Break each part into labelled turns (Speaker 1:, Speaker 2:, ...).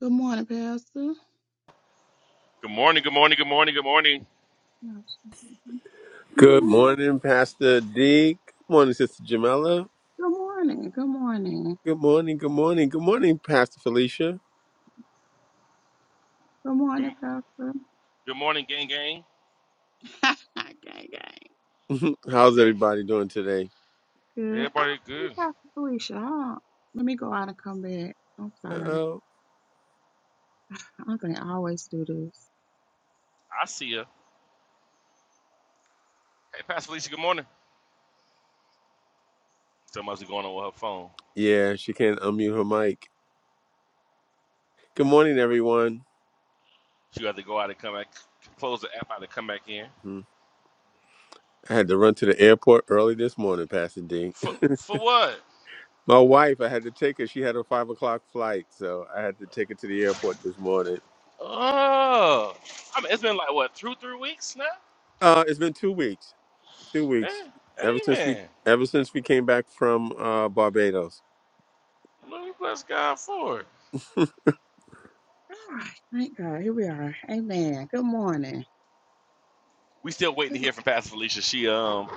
Speaker 1: Good morning, Pastor.
Speaker 2: Good morning, good morning, good morning, good morning.
Speaker 1: No,
Speaker 3: Good
Speaker 1: mm,
Speaker 3: morning, Pastor D. Good morning, Sister Jamela.
Speaker 1: Good morning. Good morning.
Speaker 3: Good morning, good morning, good morning, Pastor Felicia.
Speaker 1: Good
Speaker 2: Good,
Speaker 1: morning, Pastor.
Speaker 2: good morning, gang, gang.
Speaker 1: gang, gang.
Speaker 3: How's
Speaker 2: Gang.
Speaker 3: everybody doing today?
Speaker 1: Good. I
Speaker 2: Everybody
Speaker 1: don't see
Speaker 2: good.
Speaker 1: Pastor Felicia. I don't- Let me go out and come back. I'm sorry.
Speaker 3: Uh-oh.
Speaker 1: I am gonna always do this.
Speaker 2: I see her. Hey, Pastor Felicia, good morning. Something must be going on with her phone.
Speaker 3: Yeah, she can't unmute her mic. Good morning, everyone.
Speaker 2: She had to go out and come back, close the app out and come back in.
Speaker 3: Mhm. I had to run to the airport early this morning, Pastor D.
Speaker 2: For, for what?
Speaker 3: My wife, I had to take her. She had a five o'clock flight, so I had to take her to the airport this morning.
Speaker 2: Oh, I mean, it's been like, what, two, three weeks now?
Speaker 3: Uh, it's been two weeks. Two weeks.
Speaker 2: Yeah,
Speaker 3: Ever since we
Speaker 2: amen.
Speaker 3: ever since we came back from uh Barbados.
Speaker 2: Lord, we bless God for it.
Speaker 1: All right. Thank God. Here we are. Amen. Good morning.
Speaker 2: We still waiting to
Speaker 1: Good-
Speaker 2: hear from Pastor Felicia. She, um,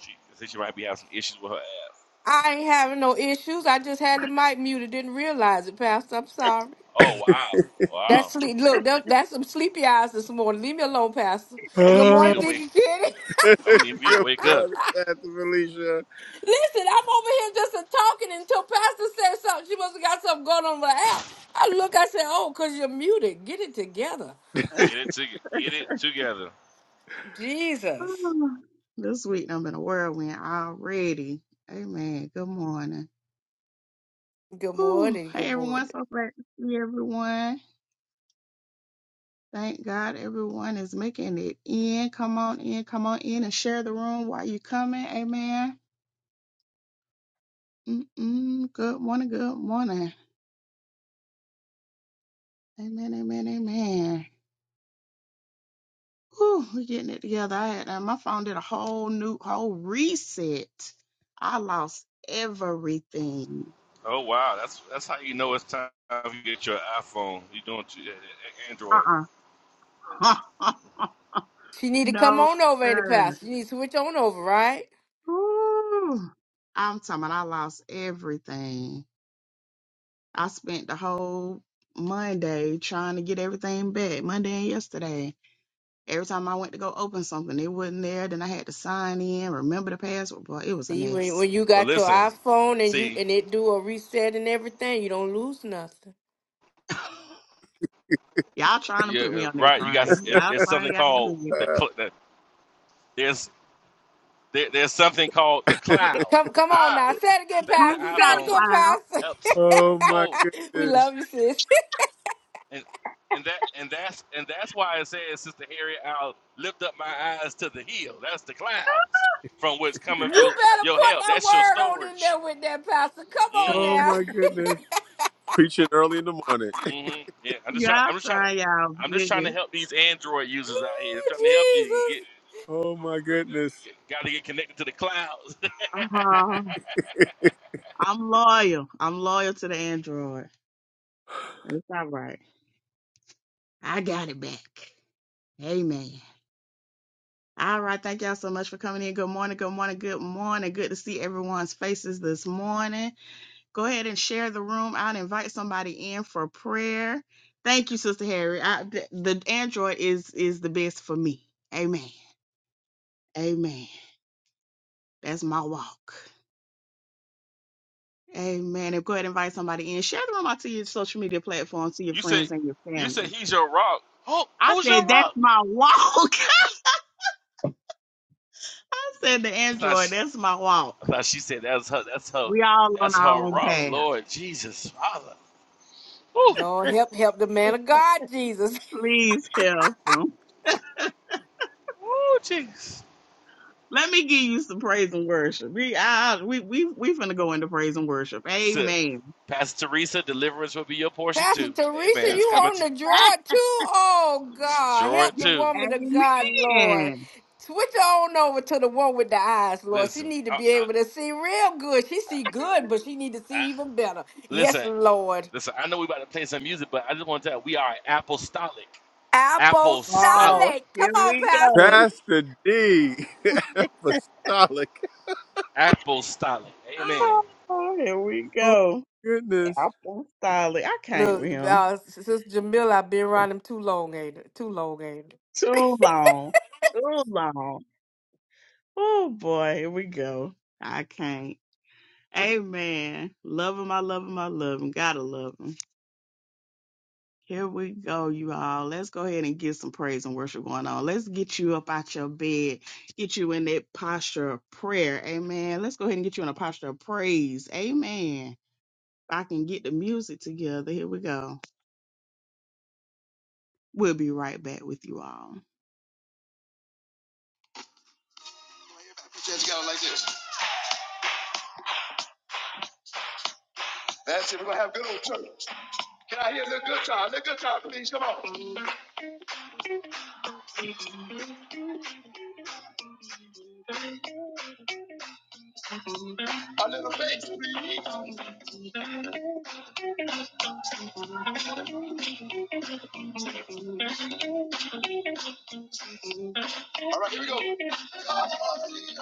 Speaker 2: she, I think she might be having some issues with her app.
Speaker 4: I ain't having no issues. I just had the mic muted. Didn't realize it, Pastor. I'm sorry.
Speaker 2: Oh, wow.
Speaker 4: That's
Speaker 2: Wow.
Speaker 4: sleep. Look, that, that's some sleepy eyes this morning. Leave me alone, Pastor.
Speaker 2: I'm going to
Speaker 4: Good
Speaker 2: need V
Speaker 4: morning,
Speaker 2: to wake.
Speaker 4: Dickie Kitty.
Speaker 2: I'm going to need V to
Speaker 3: Good
Speaker 2: wake up.
Speaker 3: morning, Pastor Felicia.
Speaker 4: Listen, I'm over here just a talking until Pastor said something. She must have got something going on with the app. I look, I said, oh, because you're muted. Get it together.
Speaker 2: Get it to get it together.
Speaker 4: Jesus.
Speaker 1: this week I'm in a whirlwind already. Amen. Good morning.
Speaker 4: Good
Speaker 1: Whew.
Speaker 4: morning.
Speaker 1: Hey,
Speaker 4: Good
Speaker 1: everyone.
Speaker 4: morning.
Speaker 1: So glad to see everyone. Thank God everyone is making it in. Come on in, come on in and share the room while you coming. Amen. Mm-mm. Good morning, good morning. Amen, amen, amen. Whew, we're getting it together. I had, uh, my phone did a whole new, whole reset. I lost everything.
Speaker 2: Oh wow, that's that's how you know it's time you get your iPhone. You doing t- eh, eh, Android?
Speaker 1: Uh-uh.
Speaker 4: She need to come
Speaker 1: no,
Speaker 4: on over, ain't it,
Speaker 1: sir.
Speaker 4: Pastor? You need to switch on over, right?
Speaker 1: Whew. I'm talking about I lost everything. I spent the whole Monday trying to get everything back, Monday and yesterday. Every time I went to go open something, it wasn't there. Then I had to sign in, remember the password. Boy, it was a
Speaker 4: See, when
Speaker 1: mess.
Speaker 4: when you
Speaker 2: Well,
Speaker 4: got your
Speaker 2: listen,
Speaker 4: iPhone and you
Speaker 2: see,
Speaker 4: and it do a reset and everything, you don't lose nothing.
Speaker 1: y'all trying to
Speaker 2: yeah,
Speaker 1: put me
Speaker 2: eh,
Speaker 1: on that
Speaker 2: right. You got.
Speaker 1: train.
Speaker 2: it,
Speaker 1: Y'all
Speaker 2: there's something
Speaker 1: trying y'all
Speaker 2: called
Speaker 1: good.
Speaker 2: the,
Speaker 3: Uh,
Speaker 2: cl- the there's there, there's something called the cloud.
Speaker 4: Come come on
Speaker 2: Ah,
Speaker 4: now. Say it again,
Speaker 2: that the
Speaker 1: Google
Speaker 4: Pastor. Say
Speaker 1: got
Speaker 4: it
Speaker 1: a
Speaker 2: iPhone
Speaker 1: cloud.
Speaker 4: again,
Speaker 2: helps
Speaker 3: oh my
Speaker 2: hold,
Speaker 4: Pastor. we
Speaker 3: goodness.
Speaker 4: love you, sis.
Speaker 2: and and that and that's and that's why it says, Sister Harriet, I'll lift up my eyes to the hill. That's the clouds from which cometh
Speaker 4: You
Speaker 2: your
Speaker 4: better
Speaker 2: your
Speaker 4: put
Speaker 2: help.
Speaker 4: that
Speaker 2: That's your
Speaker 4: word on in
Speaker 2: storage.
Speaker 4: there with that, Pastor. Come on
Speaker 2: Mm-hmm.
Speaker 3: Oh
Speaker 4: now.
Speaker 3: my goodness. Preaching early in the morning.
Speaker 2: hmm Yeah, I'm just trying.
Speaker 1: Y'all
Speaker 2: I'm just trying to.
Speaker 1: trying y'all
Speaker 2: I'm just trying
Speaker 1: good.
Speaker 2: to help these Android users out here. I'm
Speaker 4: Ooh,
Speaker 2: trying to help you. You get,
Speaker 4: Jesus.
Speaker 3: Oh my goodness.
Speaker 2: got to get connected to the clouds.
Speaker 1: uh I'm loyal. I'm loyal to the Android. It's all right. I got it back. Amen. All right. Thank y'all so much for coming in. Good morning. Good morning. Good morning. Good to see everyone's faces this morning. Go ahead and share the room out. Invite somebody in for prayer. Thank you, Sister Harry. I, the, the Android is is the best for me. Amen. Amen. That's my walk. Amen. And go ahead and invite somebody in. Share the room out to your social media platforms, to your
Speaker 2: you said,
Speaker 1: friends and your
Speaker 2: you said
Speaker 1: family.
Speaker 2: he's your rock. Who,
Speaker 1: I
Speaker 2: who's
Speaker 1: said,
Speaker 2: your
Speaker 1: that's
Speaker 2: rock?
Speaker 1: my walk. I said, the
Speaker 2: I thought she,
Speaker 1: Android, that's my
Speaker 2: I
Speaker 1: walk.
Speaker 2: thought she said that's her. That's her.
Speaker 1: We all on
Speaker 2: That's
Speaker 1: our
Speaker 2: her
Speaker 1: own
Speaker 2: rock.
Speaker 1: path.
Speaker 2: Lord Jesus, Father. Woo,
Speaker 4: Lord help help the man of God, Jesus.
Speaker 1: Please help 'em.
Speaker 2: woo, jeez.
Speaker 1: Let me give you some praise and worship. We I, we we we finna go into praise and worship.
Speaker 2: Sip.
Speaker 1: Amen.
Speaker 2: Pastor Teresa, deliverance will be your portion
Speaker 4: Pastor
Speaker 2: too.
Speaker 4: Teresa,
Speaker 2: Amen.
Speaker 4: you
Speaker 2: It's coming
Speaker 4: on
Speaker 2: to
Speaker 4: the draw too? Oh God,
Speaker 2: Jordan
Speaker 4: help the
Speaker 2: too.
Speaker 4: woman of God, Lord.
Speaker 1: Amen.
Speaker 4: Switch on over to the one with the eyes, Lord. She
Speaker 2: Listen,
Speaker 4: need to
Speaker 2: I,
Speaker 4: be able
Speaker 2: I,
Speaker 4: to see real good. She see good, but she need to
Speaker 2: I,
Speaker 4: see even better. Yes,
Speaker 2: listen.
Speaker 4: Lord.
Speaker 2: Listen, I know we about to play some music, but I just want to tell you, we are apostolic,
Speaker 1: Oh,
Speaker 2: apostolic,
Speaker 4: Apostolic. Come
Speaker 1: here
Speaker 4: on,
Speaker 1: we go.
Speaker 4: Pastor.
Speaker 3: Pastor D. Apostolic.
Speaker 2: apostolic. Amen.
Speaker 1: Oh, here we
Speaker 3: Oh
Speaker 1: go.
Speaker 3: goodness.
Speaker 1: Apple styling. I can't with
Speaker 4: Look,
Speaker 1: him.
Speaker 4: uh, Sister Jamila, I've been around him too long, ain't it? Too long, ain't it?
Speaker 1: Too long. Too long. Oh boy, here we go. I can't. Amen. Love him, I love him, I love him. Gotta love him. Here we go, you all. Let's go ahead and get some praise and worship going on. Let's get you up out your bed, get you in that posture of prayer. Amen. Let's go ahead and get you in a posture of praise. Amen. If I can get the music together, here we go. We'll be right back with you all. Put your hands together like this. That's it. We're gonna have good old church. Can I hear a little good time? A little good time, please. Come on. A little faith. All right, here we go. God is.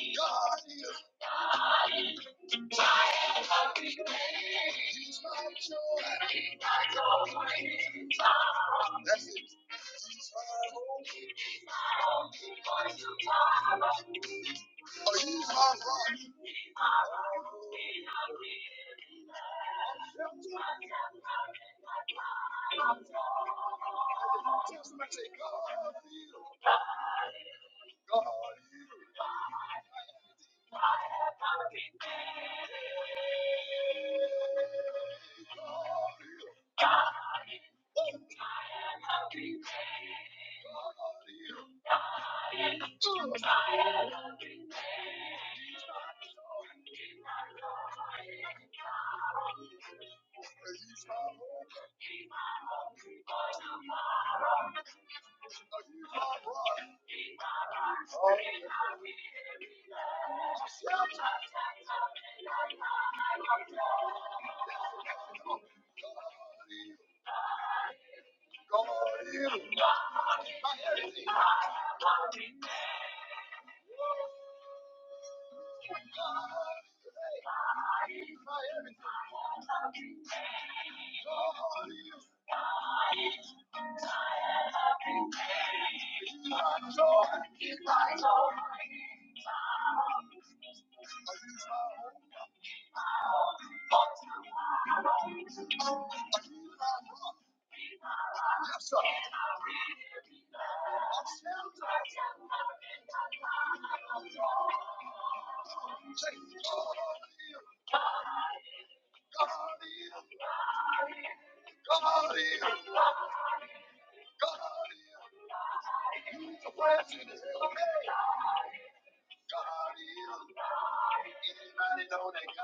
Speaker 1: God is. That's it. Are you my rock? God is. I cannot get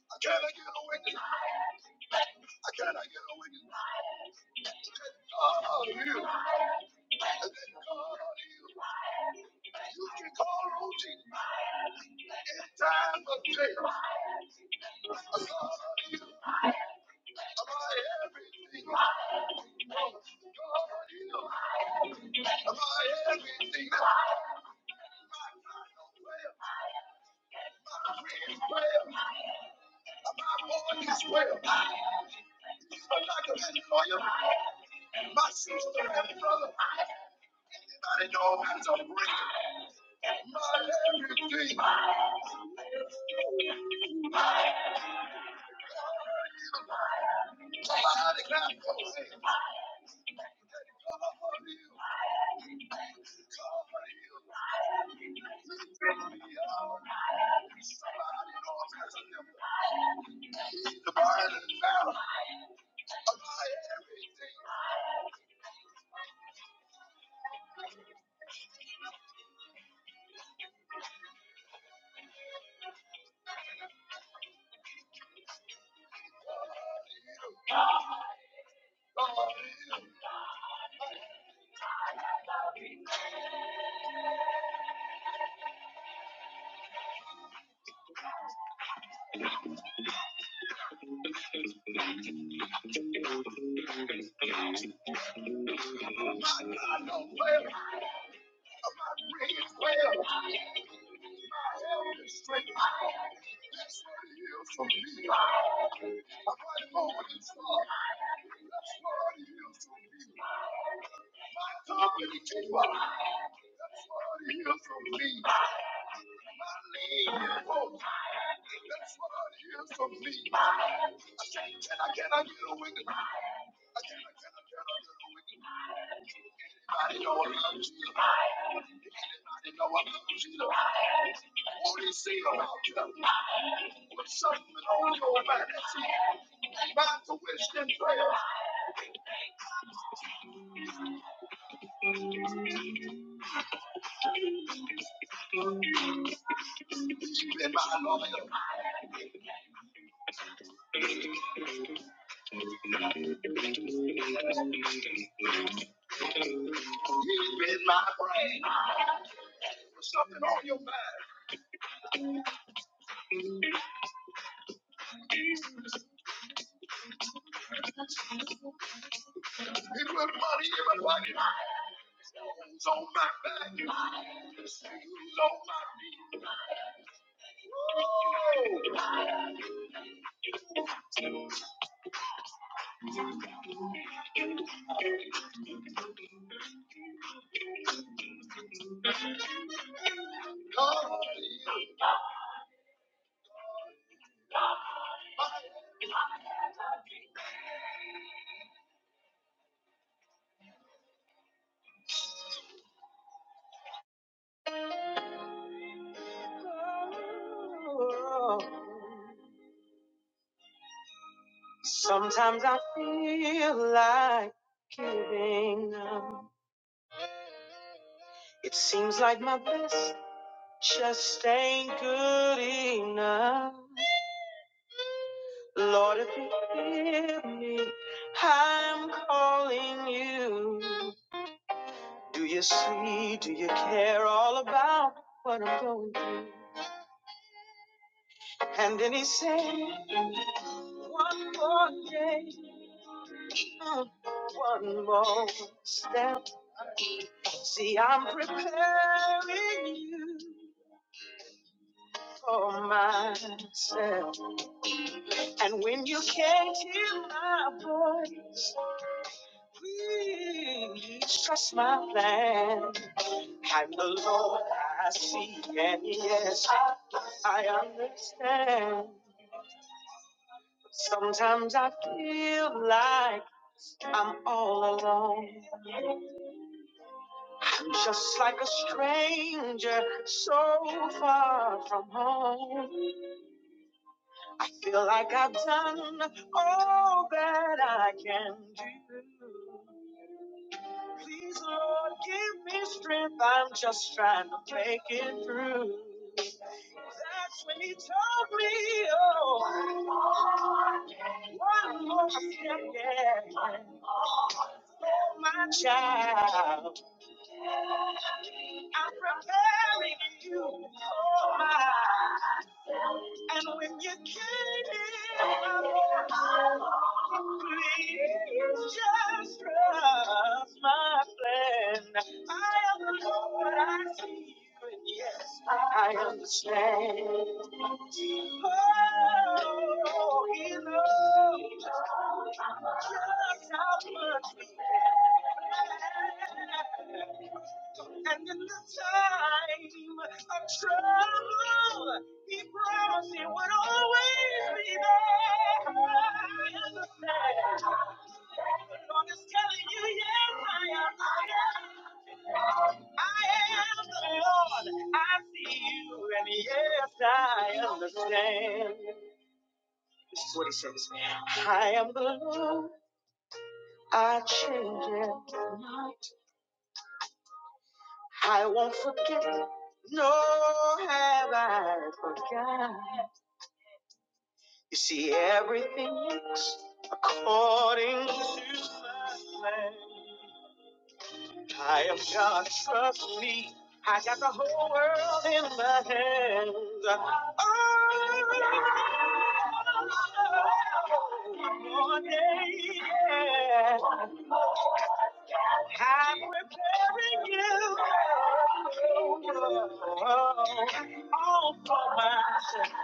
Speaker 1: away. I cannot get away. Oh, you. You can call routine in time of jail. My I everything? is well. My I born is well? He's my doctor and lawyer. My sister and brother. Anybody know how to break it? My everything. What I'm the Lord I see, and yes, I understand. Sometimes I feel like I'm all alone. I'm just like a stranger, so far from home. I feel like I've done all that I can do. Please, Lord, give me strength. I'm just trying to make it through. That's when He told me, oh, one more step, yeah, oh, my child. I'm preparing you for mine. And when you came, in, my Lord, please just trust my plan. I am the Lord, I see you, and yes, I understand. Oh, he knows just how much we have. And in the time of trouble, he promised he would always be there. I understand. The Lord is telling you, yes, I am. I am the Lord. I see you, and yes, I understand. This is what he says. I am the Lord. I change it. I won't forget, nor have I forgot. You see, everything works according to my plan. I am God, trust me. I got the whole world in my hands. Oh, one day, yeah. I'm preparing you all for myself.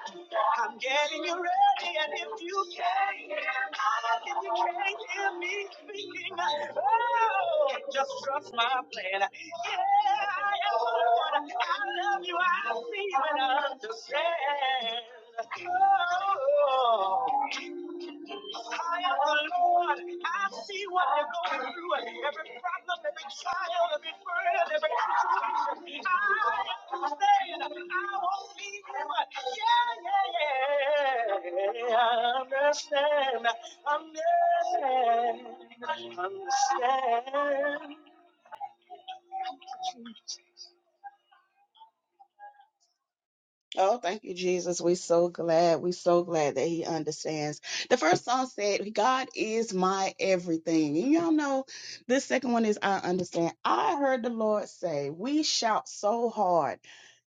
Speaker 1: I'm getting you ready, and if you can't hear me, if you can't hear me speaking, oh, just trust my plan. Yeah, I am the one. I love you. I see you and understand. Oh, I am the Lord. I see what you're going through. Every problem, every trial, every burden, every situation. I understand. I won't leave you. Yeah, yeah, yeah. I understand. Understand. Understand. Oh, thank you, Jesus. We're so glad. We're so glad that He understands. The first song said, God is my everything. And y'all know this second one is I understand. I heard the Lord say, We shout so hard.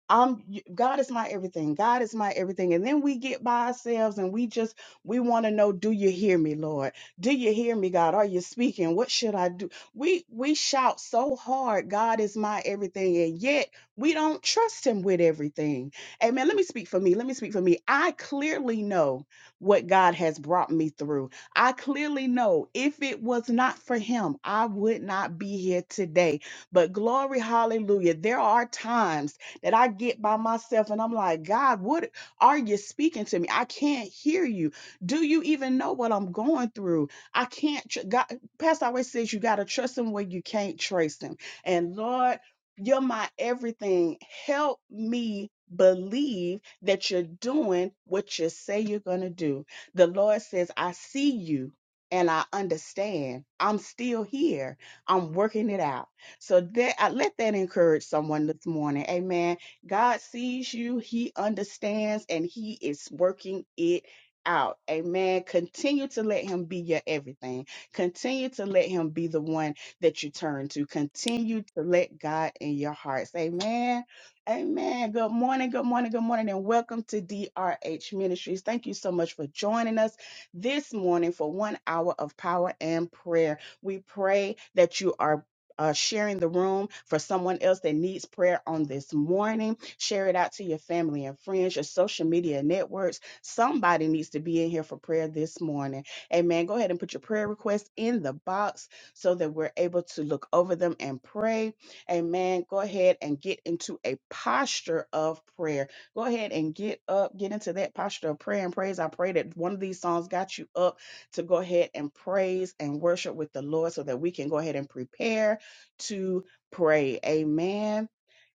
Speaker 1: I'm y- God is my everything. God is my everything. And then we get by ourselves and we just we want to know, do you hear me, Lord? Do you hear me, God? Are you speaking? What should I do? We we shout so hard, God is my everything, and yet we don't trust him with everything. Amen. Let me speak for me. Let me speak for me. I clearly know what God has brought me through. I clearly know if it was not for him, I would not be here today. But glory, hallelujah. There are times that I get by myself and I'm like, God, what are you speaking to me? I can't hear you. Do you even know what I'm going through? I can't. Tr- God, Pastor always says you got to trust him where you can't trace him. And Lord, you're my everything. Help me believe that you're doing what you say you're going to do. The Lord says, I see you and I understand. I'm still here. I'm working it out. So that I let that encourage someone this morning. Amen God sees you, He understands, and He is working it out. Amen. Continue to let Him be your everything. Continue to let Him be the one that you turn to. Continue to let God in your hearts. Amen. Amen. Good morning. Good morning. Good morning. And welcome to DRH Ministries. Thank you so much for joining us this morning for one hour of power and prayer. We pray that you are uh, sharing the room for someone else that needs prayer on this morning. Share it out to your family and friends, your social media networks. Somebody needs to be in here for prayer this morning. Amen. Go ahead and put your prayer request in the box so that we're able to look over them and pray. Amen. Go ahead and get into a posture of prayer. Go ahead and get up, get into that posture of prayer and praise. I pray that one of these songs got you up to go ahead and praise and worship with the Lord so that we can go ahead and prepare to pray. Amen.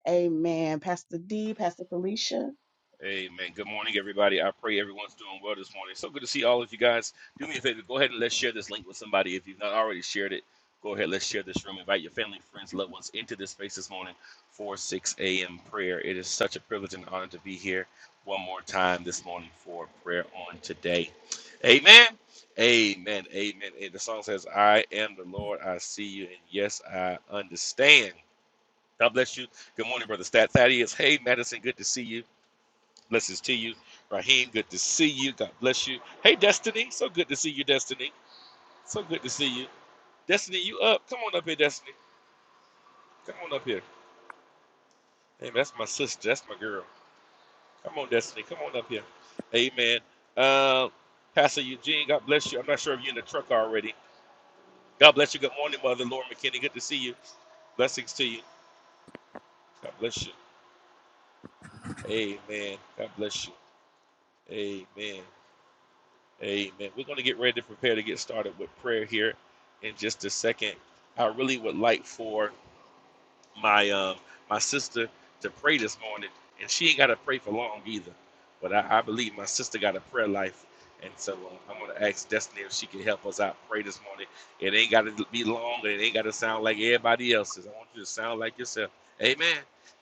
Speaker 1: Amen. Pastor D, Pastor Felicia.
Speaker 2: Amen. Good morning, everybody. I pray everyone's doing well this morning. So good to see all of you guys. Do me a favor. Go ahead and let's share this link with somebody. If you've not already shared it, go ahead. Let's share this room. Invite your family, friends, loved ones into this space this morning for 6 a.m. prayer. It is such a privilege and honor to be here one more time this morning for prayer on today. Amen. Amen. Amen. And the song says, I am the Lord. I see you. And yes, I understand. God bless you. Good morning, Brother Stat Thaddeus. Hey, Madison. Good to see you. Blessings to you. Raheem, good to see you. God bless you. Hey, Destiny. So good to see you, Destiny. So good to see you. Destiny, you up. Come on up here, Destiny. Come on up here. Hey, that's my sister. That's my girl. Come on, Destiny. Come on up here. Amen. Uh, Pastor Eugene, God bless you. I'm not sure if you're in the truck already. God bless you. Good morning, Mother Laura McKinney. Good to see you. Blessings to you. God bless you. Amen. God bless you. Amen. Amen. We're going to get ready to prepare to get started with prayer here in just a second. I really would like for my uh, my sister to pray this morning, and she ain't got to pray for long either. But I, I believe my sister got a prayer life, and so uh, I'm gonna ask Destiny if she can help us out pray this morning. It ain't got to be long, and it ain't got to sound like everybody else's. I want you to sound like yourself. Amen.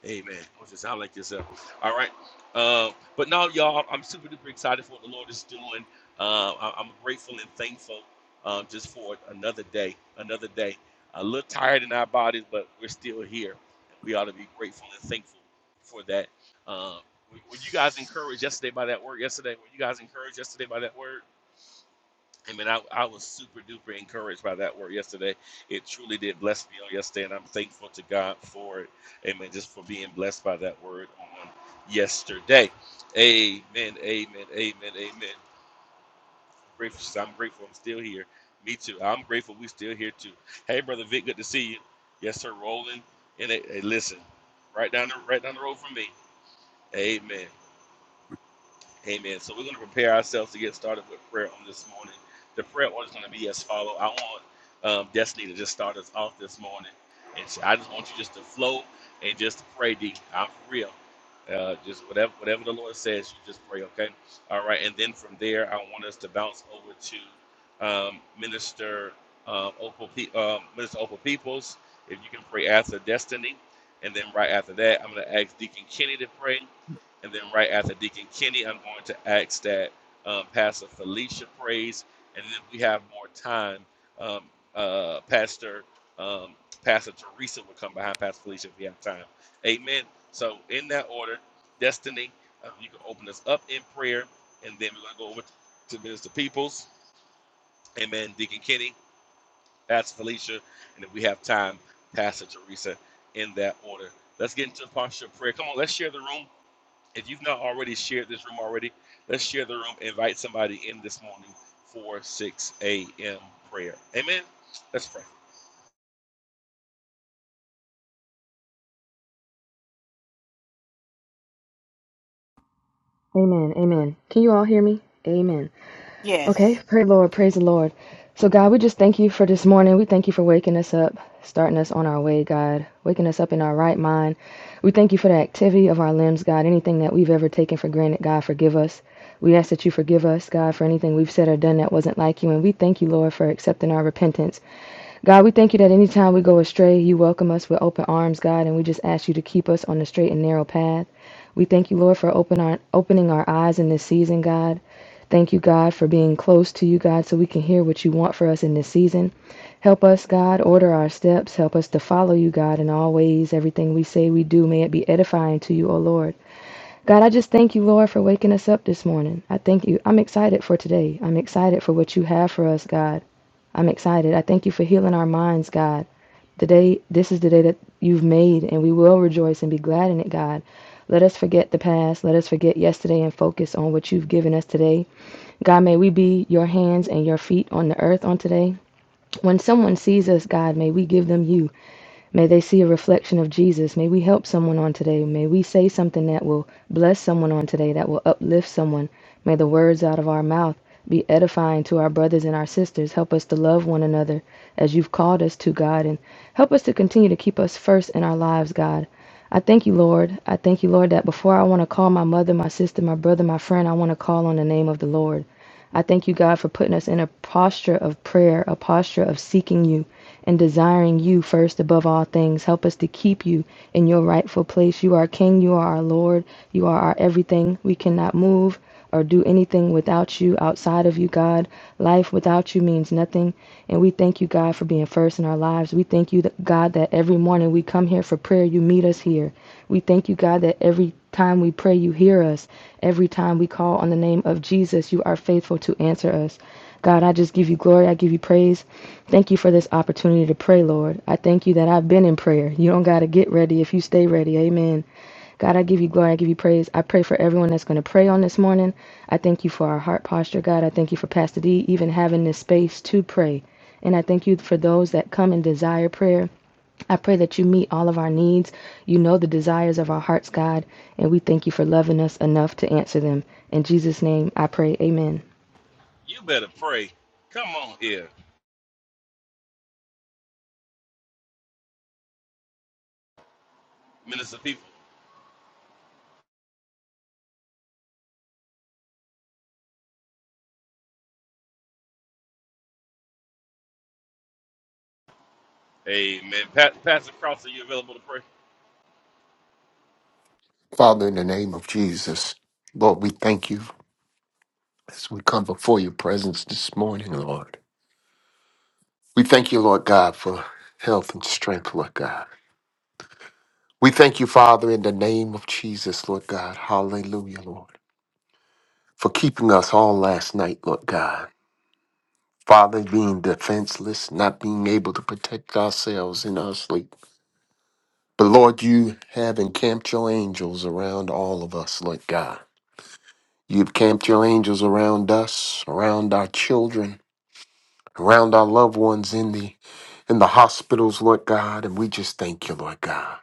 Speaker 2: Amen. I want you to sound like yourself. All right. uh, but no, y'all, I'm super duper excited for what the Lord is doing. Uh, I, I'm grateful and thankful um, just for another day, another day a little tired in our bodies, but we're still here. We ought to be grateful and thankful for that. Um, were you guys encouraged yesterday by that word? Yesterday, were you guys encouraged yesterday by that word? I mean, I, I was super duper encouraged by that word yesterday. It truly did bless me on yesterday, and I'm thankful to God for it. Amen. Just for being blessed by that word on yesterday. Amen. Amen. Amen. Amen. Grateful, so I'm grateful I'm still here. Me too. I'm grateful we still here too. Hey, brother Vic, good to see you. Yes, sir. Rolling. And hey, hey, listen, right down the right down the road from me. Amen. Amen. So we're going to prepare ourselves to get started with prayer on this morning. The prayer order is going to be as follow. I want um, Destiny to just start us off this morning, and so I just want you just to flow and just to pray. D, I'm for real. Uh, just whatever whatever the Lord says, you just pray. Okay. All right. And then from there, I want us to bounce over to um, Minister uh, Opal, Pe- uh, Minister Opal Peoples. If you can pray after Destiny, and then right after that, I'm going to ask Deacon Kenny to pray. And then right after Deacon Kenny, I'm going to ask that um, Pastor Felicia prays. And then if we have more time, um, uh, Pastor um, Pastor Teresa will come behind Pastor Felicia if we have time. Amen. So in that order, Destiny, uh, you can open us up in prayer, and then we're going to go over to Minister Peoples. Amen. Deacon Kenny, Pastor Felicia, and if we have time, Pastor Teresa. In that order, let's get into a posture of prayer. Come on, let's share the room. If you've not already shared this room already, let's share the room. Invite somebody in this morning for 6 a.m. prayer. Amen. Let's pray.
Speaker 5: Amen. Amen. Can you all hear me? Amen.
Speaker 4: Yes.
Speaker 5: Okay. Praise the Lord. Praise the Lord. So, God, we just thank you for this morning. We thank you for waking us up, starting us on our way, God, waking us up in our right mind. We thank you for the activity of our limbs, God. Anything that we've ever taken for granted, God, forgive us. We ask that you forgive us, God, for anything we've said or done that wasn't like you. And we thank you, Lord, for accepting our repentance. God, we thank you that anytime we go astray, you welcome us with open arms, God, and we just ask you to keep us on the straight and narrow path. We thank you, Lord, for open our, opening our eyes in this season, God. Thank you, God, for being close to you, God, so we can hear what you want for us in this season. Help us, God, order our steps. Help us to follow you, God, in all ways. Everything we say, we do. May it be edifying to you, O Lord. God, I just thank you, Lord, for waking us up this morning. I thank you. I'm excited for today. I'm excited for what you have for us, God. I'm excited. I thank you for healing our minds, God. The day, this is the day that you've made, and we will rejoice and be glad in it, God. Let us forget the past. Let us forget yesterday and focus on what you've given us today. God, may we be your hands and your feet on the earth on today. When someone sees us, God, may we give them you. May they see a reflection of Jesus. May we help someone on today. May we say something that will bless someone on today, that will uplift someone. May the words out of our mouth be edifying to our brothers and our sisters. Help us to love one another as you've called us to, God, and help us to continue to keep us first in our lives, God. I thank you, Lord. I thank you, Lord, that before I want to call my mother, my sister, my brother, my friend, I want to call on the name of the Lord. I thank you, God, for putting us in a posture of prayer, a posture of seeking you and desiring you first above all things. Help us to keep you in your rightful place. You are King, you are our Lord, you are our everything. We cannot move or do anything without you, outside of you, God. Life without you means nothing. And we thank you, God, for being first in our lives. We thank you, God, that every morning we come here for prayer, you meet us here. We thank you, God, that every time we pray, you hear us. Every time we call on the name of Jesus, you are faithful faithful to answer us. God, I just give you glory. I give you praise. Thank you for this opportunity to pray, Lord. I thank you that I've been in prayer. You don't got to get ready if you stay ready. Amen. God, I give you glory. I give you praise. I pray for everyone that's going to pray on this morning. I thank you for our heart posture, God. I thank you for Pastor D even having this space to pray. And I thank you for those that come and desire prayer. I pray that you meet all of our needs. You know the desires of our hearts, God. And we thank you for loving us enough to answer them. In Jesus' name, I pray. Amen.
Speaker 2: You better pray. Come on here, minister people. Amen. Pat, Pastor Cross, are you available to pray?
Speaker 6: Father, in the name of Jesus, Lord, we thank you as we come before your presence this morning, Lord. We thank you, Lord God, for health and strength, Lord God. We thank you, Father, in the name of Jesus, Lord God. Hallelujah, Lord, for keeping us on last night, Lord God. Father, being defenseless, not being able to protect ourselves in our sleep. But Lord, you have encamped your angels around all of us, Lord God. You've camped your angels around us, around our children, around our loved ones in the in the hospitals, Lord God, and we just thank you, Lord God.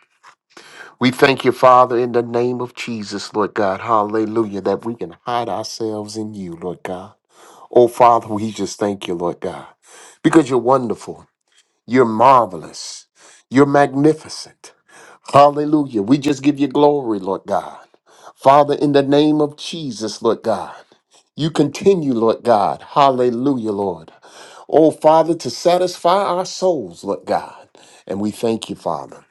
Speaker 6: We thank you, Father, in the name of Jesus, Lord God. Hallelujah, that we can hide ourselves in you, Lord God. Oh, Father, we just thank you, Lord God, because you're wonderful, you're marvelous, you're magnificent. Hallelujah. We just give you glory, Lord God. Father, in the name of Jesus, Lord God. You continue, Lord God. Hallelujah, Lord. Oh, Father, to satisfy our souls, Lord God. And we thank you, Father.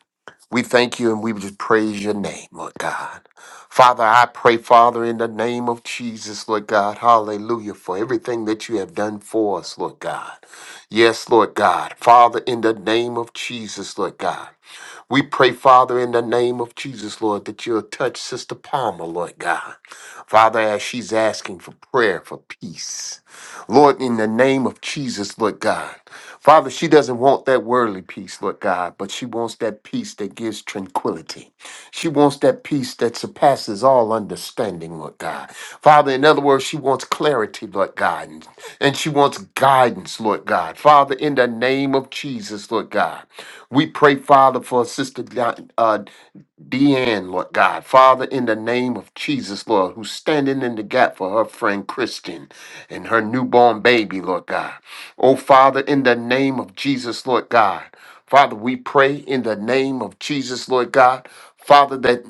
Speaker 6: We thank you and we just praise your name, Lord God. Father, I pray, Father, in the name of Jesus, Lord God, hallelujah, for everything that you have done for us, Lord God. Yes, Lord God. Father, in the name of Jesus, Lord God. We pray, Father, in the name of Jesus, Lord, that you'll touch Sister Palmer, Lord God. Father, as she's asking for prayer, for peace. Lord, in the name of Jesus, Lord God. Father, she doesn't want that worldly peace, Lord God, but she wants that peace that gives tranquility. She wants that peace that surpasses all understanding, Lord God. Father, in other words, she wants clarity, Lord God, and and she wants guidance, Lord God. Father, in the name of Jesus, Lord God. We pray, Father, for Sister Di- uh, Deanne, Lord God, Father, in the name of Jesus, Lord, who's standing in the gap for her friend Christian and her newborn baby, Lord God. Oh, Father, in the name of Jesus, Lord God. Father, we pray in the name of Jesus, Lord God. Father, that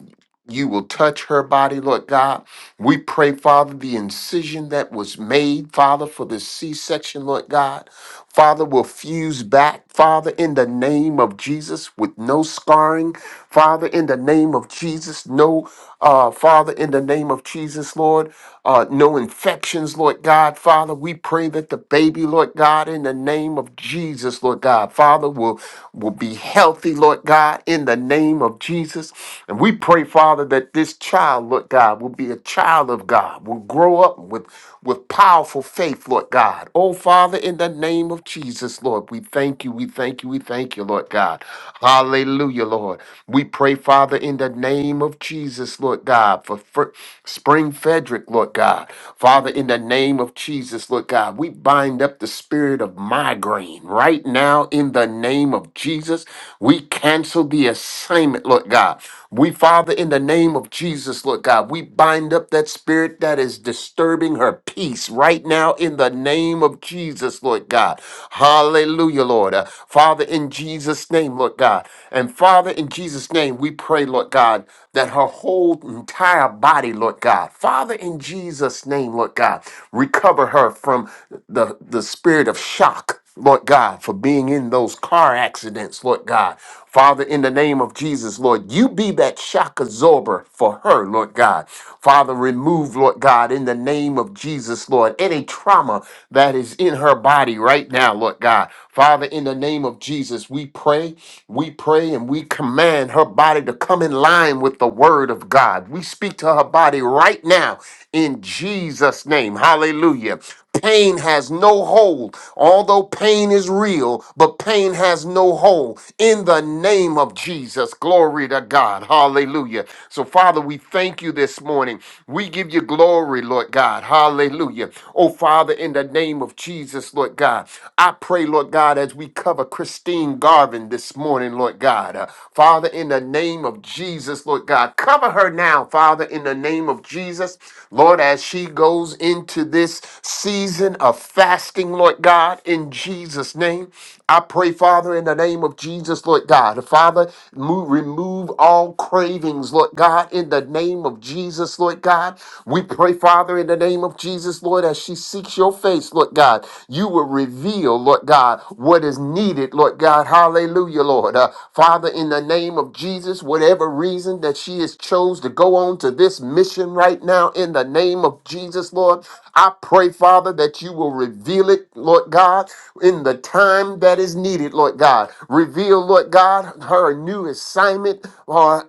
Speaker 6: you will touch her body, Lord God. We pray, Father, the incision that was made, Father, for the C section, Lord God. Father, will fuse back, Father, in the name of Jesus, with no scarring. Father, in the name of Jesus, no, uh, Father, in the name of Jesus, Lord, uh, no infections, Lord God. Father, we pray that the baby, Lord God, in the name of Jesus, Lord God, Father, will, will be healthy, Lord God, in the name of Jesus. And we pray, Father, that this child, Lord God, will be a child of God, will grow up with, with powerful faith, Lord God. Oh, Father, in the name of Jesus, Lord, we thank you, we thank you, we thank you, Lord God. Hallelujah, Lord. We pray, Father, in the name of Jesus, Lord God, for Fr- Spring Frederick, Lord God. Father, in the name of Jesus, Lord God, we bind up the spirit of migraine right now in the name of Jesus. We cancel the assignment, Lord God. We, Father, in the name of Jesus, Lord God, we bind up that spirit that is disturbing her peace right now in the name of Jesus, Lord God. Hallelujah, Lord. Uh, Father, in Jesus' name, Lord God. And Father, in Jesus' name, we pray, Lord God, that her whole entire body, Lord God, Father, in Jesus' name, Lord God, recover her from the, the spirit of shock Lord God, for being in those car accidents, Lord God. Father, in the name of Jesus, Lord, you be that shock absorber for her, Lord God. Father, remove, Lord God, in the name of Jesus, Lord, any trauma that is in her body right now, Lord God. Father, in the name of Jesus, we pray, we pray, and we command her body to come in line with the word of God. We speak to her body right now in Jesus' name. Hallelujah. Pain has no hold, although pain is real, but pain has no hold in the name of Jesus. Glory to God. Hallelujah. So, Father, we thank you this morning. We give you glory, Lord God. Hallelujah. Oh, Father. Father, in the name of Jesus, Lord God, I pray, Lord God, as we cover Christine Garvin this morning, Lord God. Uh, Father, in the name of Jesus, Lord God, cover her now, Father, in the name of Jesus. Lord, as she goes into this season of fasting, Lord God, in Jesus' name, I pray, Father, in the name of Jesus, Lord God. Father, move, remove all cravings, Lord God, in the name of Jesus, Lord God. God. We pray, Father, in the name of Jesus, Lord, as she seeks your face, Lord God, you will reveal, Lord God, what is needed, Lord God. Hallelujah, Lord. Uh, Father, in the name of Jesus, whatever reason that she has chose to go on to this mission right now, in the name of Jesus, Lord, I pray, Father, that you will reveal it, Lord God, in the time that is needed, Lord God. Reveal, Lord God, her new assignment, uh,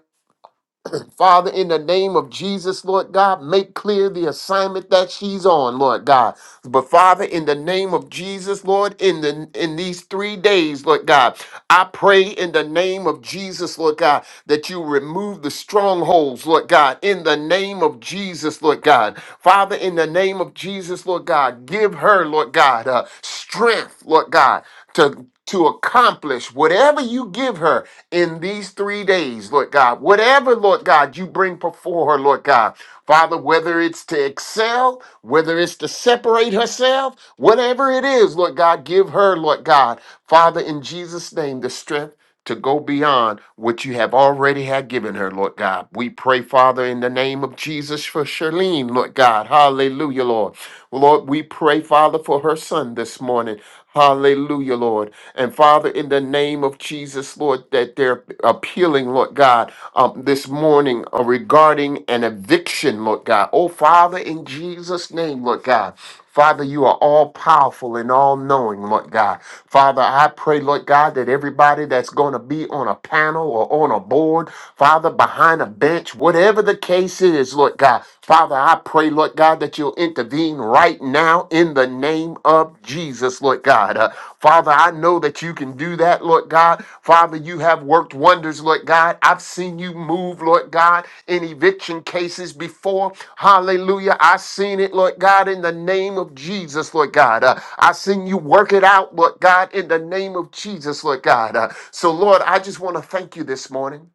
Speaker 6: Father, in the name of Jesus, Lord God, make clear the assignment that she's on, Lord God. But Father, in the name of Jesus, Lord, in the in these three days, Lord God, I pray in the name of Jesus, Lord God, that you remove the strongholds, Lord God, in the name of Jesus, Lord God. Father, in the name of Jesus, Lord God, give her, Lord God, uh, strength, Lord God, to to accomplish whatever you give her in these three days, Lord God. Whatever, Lord God, you bring before her, Lord God. Father, whether it's to excel, whether it's to separate herself, whatever it is, Lord God, give her, Lord God. Father, in Jesus' name, the strength to go beyond what you have already had given her, Lord God. We pray, Father, in the name of Jesus for Charlene, Lord God. Hallelujah, Lord. Well, Lord, we pray, Father, for her son this morning. Hallelujah, Lord. And Father, in the name of Jesus, Lord, that they're appealing, Lord God, um, this morning uh, regarding an eviction, Lord God. Oh, Father, in Jesus' name, Lord God. Father, you are all powerful and all knowing, Lord God. Father, I pray, Lord God, that everybody that's going to be on a panel or on a board, Father, behind a bench, whatever the case is, Lord God, Father, I pray, Lord God, that you'll intervene right now in the name of Jesus, Lord God. Uh, Father, I know that you can do that, Lord God. Father, you have worked wonders, Lord God. I've seen you move, Lord God, in eviction cases before. Hallelujah. I've seen it, Lord God, in the name of Jesus, Lord God. Uh, I've seen you work it out, Lord God, in the name of Jesus, Lord God. Uh, so, Lord, I just want to thank you this morning.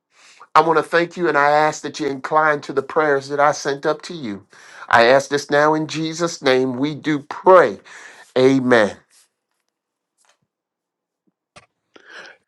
Speaker 6: I want to thank you and I ask that you incline to the prayers that I sent up to you. I ask this now in Jesus' name. We do pray. Amen.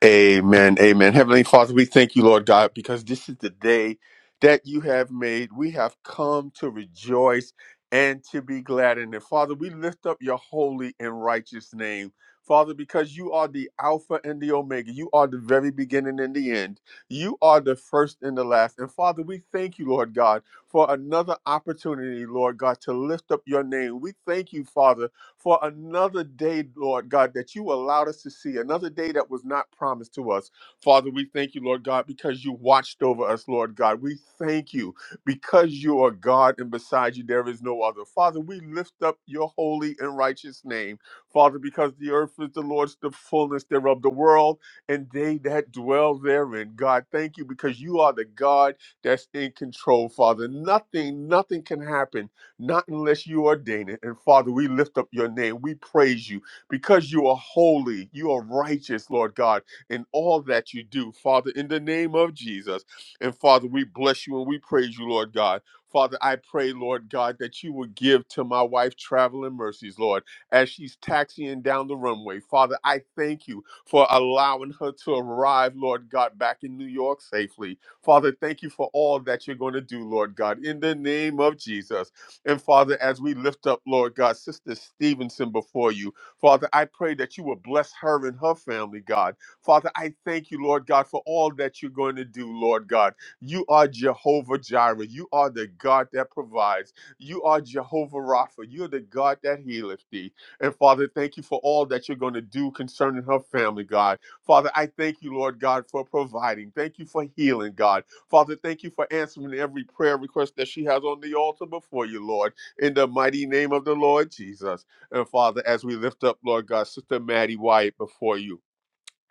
Speaker 3: Amen. Amen. Heavenly Father, we thank you, Lord God, because this is the day that you have made. We have come to rejoice and to be glad in it. Father, we lift up your holy and righteous name. Father, because you are the Alpha and the Omega. You are the very beginning and the end. You are the first and the last. And Father, we thank you, Lord God, for another opportunity, Lord God, to lift up your name. We thank you, Father, for another day, Lord God, that you allowed us to see, another day that was not promised to us. Father, we thank you, Lord God, because you watched over us, Lord God. We thank you because you are God and beside you there is no other. Father, we lift up your holy and righteous name, Father, because the earth is the Lord's, the fullness thereof, the world and they that dwell therein. God, thank you because you are the God that's in control, Father. Nothing, nothing can happen not unless you ordain it. And Father, we lift up your name. We praise you because you are holy. You are righteous, Lord God, in all that you do, Father, in the name of Jesus. And Father, we bless you and we praise you, Lord God. Father, I pray, Lord God, that you would give to my wife traveling mercies, Lord, as she's taxiing down the runway. Father, I thank you for allowing her to arrive, Lord God, back in New York safely. Father, thank you for all that you're going to do, Lord God, in the name of Jesus. And Father, as we lift up, Lord God, Sister Stevenson before you, Father, I pray that you will bless her and her family, God. Father, I thank you, Lord God, for all that you're going to do, Lord God. You are Jehovah Jireh. You are the God that provides. You are Jehovah Rapha. You're the God that healeth thee. And Father, thank you for all that you're going to do concerning her family, God. Father, I thank you, Lord God, for providing. Thank you for healing, God. Father, thank you for answering every prayer request that she has on the altar before you, Lord, in the mighty name of the Lord Jesus. And Father, as we lift up, Lord God, Sister Maddie Wyatt, before you.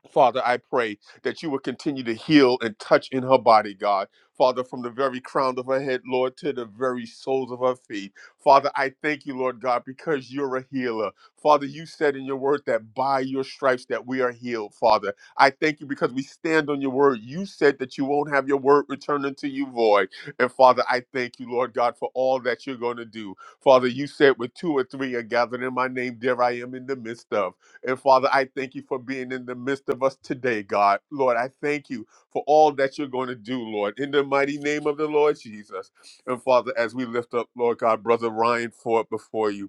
Speaker 3: Father, I pray that you will continue to heal and touch in her body, God. Father, from the very crown of her head, Lord, to the very soles of her feet. Father, I thank you, Lord God, because you're a healer. Father, you said in your word that by your stripes that we are healed, Father. I thank you because we stand on your word. You said that you won't have your word return unto you void. And Father, I thank you, Lord God, for all that you're going to do. Father, you said with two or three are gathered in my name, there I am in the midst of. And Father, I thank you for being in the midst of us today, God. Lord, I thank you for all that you're going to do, Lord, in the mighty name of the Lord Jesus. And Father, as we lift up, Lord God, Brother Ryan Ford before you,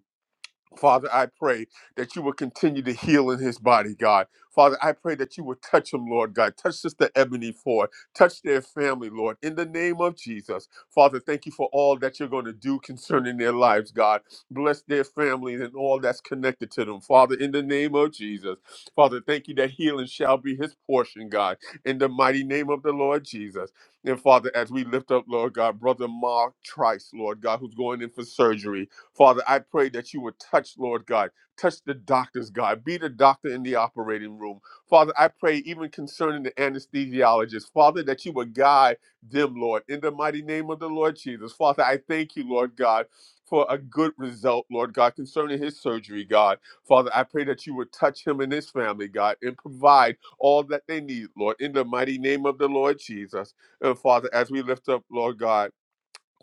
Speaker 3: Father, I pray that you will continue to heal in his body, God. Father, I pray that you will touch him, Lord God. Touch Sister Ebony Ford. Touch their family, Lord, in the name of Jesus. Father, thank you for all that you're going to do concerning their lives, God. Bless their families and all that's connected to them, Father, in the name of Jesus. Father, thank you that healing shall be his portion, God, in the mighty name of the Lord Jesus. And Father, as we lift up, Lord God, Brother Mark Trice, Lord God, who's going in for surgery. Father, I pray that you would touch, Lord God, touch the doctors, God, be the doctor in the operating room. Father, I pray even concerning the anesthesiologist, Father, that you would guide them, Lord, in the mighty name of the Lord Jesus. Father, I thank you, Lord God. For a good result, Lord God, concerning his surgery, God. Father, I pray that you would touch him and his family, God, and provide all that they need, Lord, in the mighty name of the Lord Jesus. And Father, as we lift up, Lord God,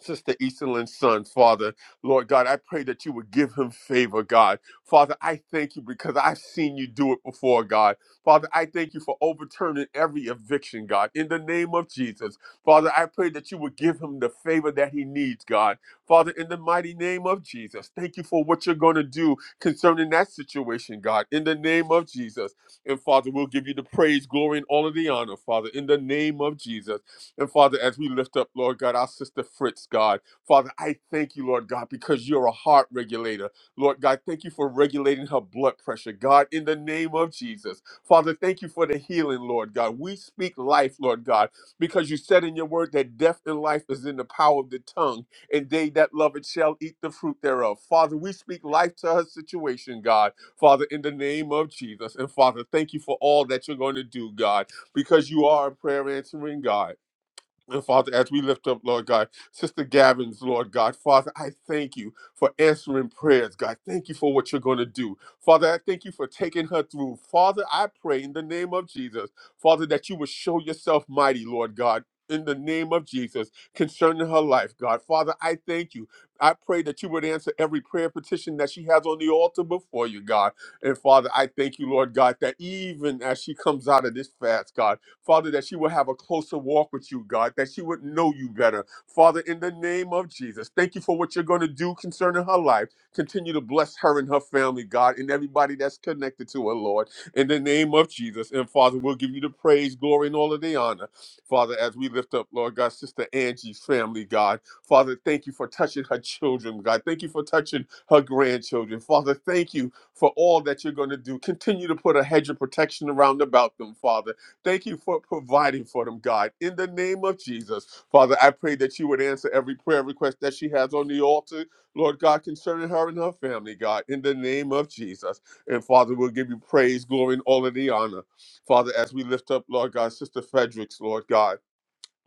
Speaker 3: Sister Easterlin's son, Father, Lord God, I pray that you would give him favor, God. Father, I thank you because I've seen you do it before, God. Father, I thank you for overturning every eviction, God, in the name of Jesus. Father, I pray that you would give him the favor that he needs, God. Father, in the mighty name of Jesus, thank you for what you're going to do concerning that situation, God, in the name of Jesus. And Father, we'll give you the praise, glory, and all of the honor, Father, in the name of Jesus. And Father, as we lift up, Lord God, our sister Fritz, God, Father, I thank you, Lord God, because you're a heart regulator. Lord God, thank you for regulating her blood pressure, God, in the name of Jesus. Father, thank you for the healing, Lord God. We speak life, Lord God, because you said in your word that death and life is in the power of the tongue, and they that love it shall eat the fruit thereof. Father, we speak life to her situation, God. Father, in the name of Jesus. And Father, thank you for all that you're going to do, God, because you are a prayer answering God. And Father, as we lift up, Lord God, Sister Gavin's, Lord God, Father, I thank you for answering prayers, God. Thank you for what you're going to do. Father, I thank you for taking her through. Father, I pray in the name of Jesus, Father, that you would show yourself mighty, Lord God. In the name of Jesus, concerning her life, God. Father, I thank you. I pray that you would answer every prayer petition that she has on the altar before you, God. And Father, I thank you, Lord God, that even as she comes out of this fast, God, Father, that she will have a closer walk with you, God, that she would know you better. Father, in the name of Jesus, thank you for what you're going to do concerning her life. Continue to bless her and her family, God, and everybody that's connected to her, Lord, in the name of Jesus. And Father, we'll give you the praise, glory, and all of the honor. Father, as we lift up, Lord God, Sister Angie's family, God. Father, thank you for touching her children, God. Thank you for touching her grandchildren. Father, thank you for all that you're going to do. Continue to put a hedge of protection around about them, Father Thank you for providing for them, God. In the name of Jesus, Father, I pray that you would answer every prayer request that she has on the altar, Lord God, concerning her and her family, God. In the name of Jesus. And Father, we'll give you praise, glory, and all of the honor. Father, as we lift up, Lord God, Sister Fredericks, Lord God.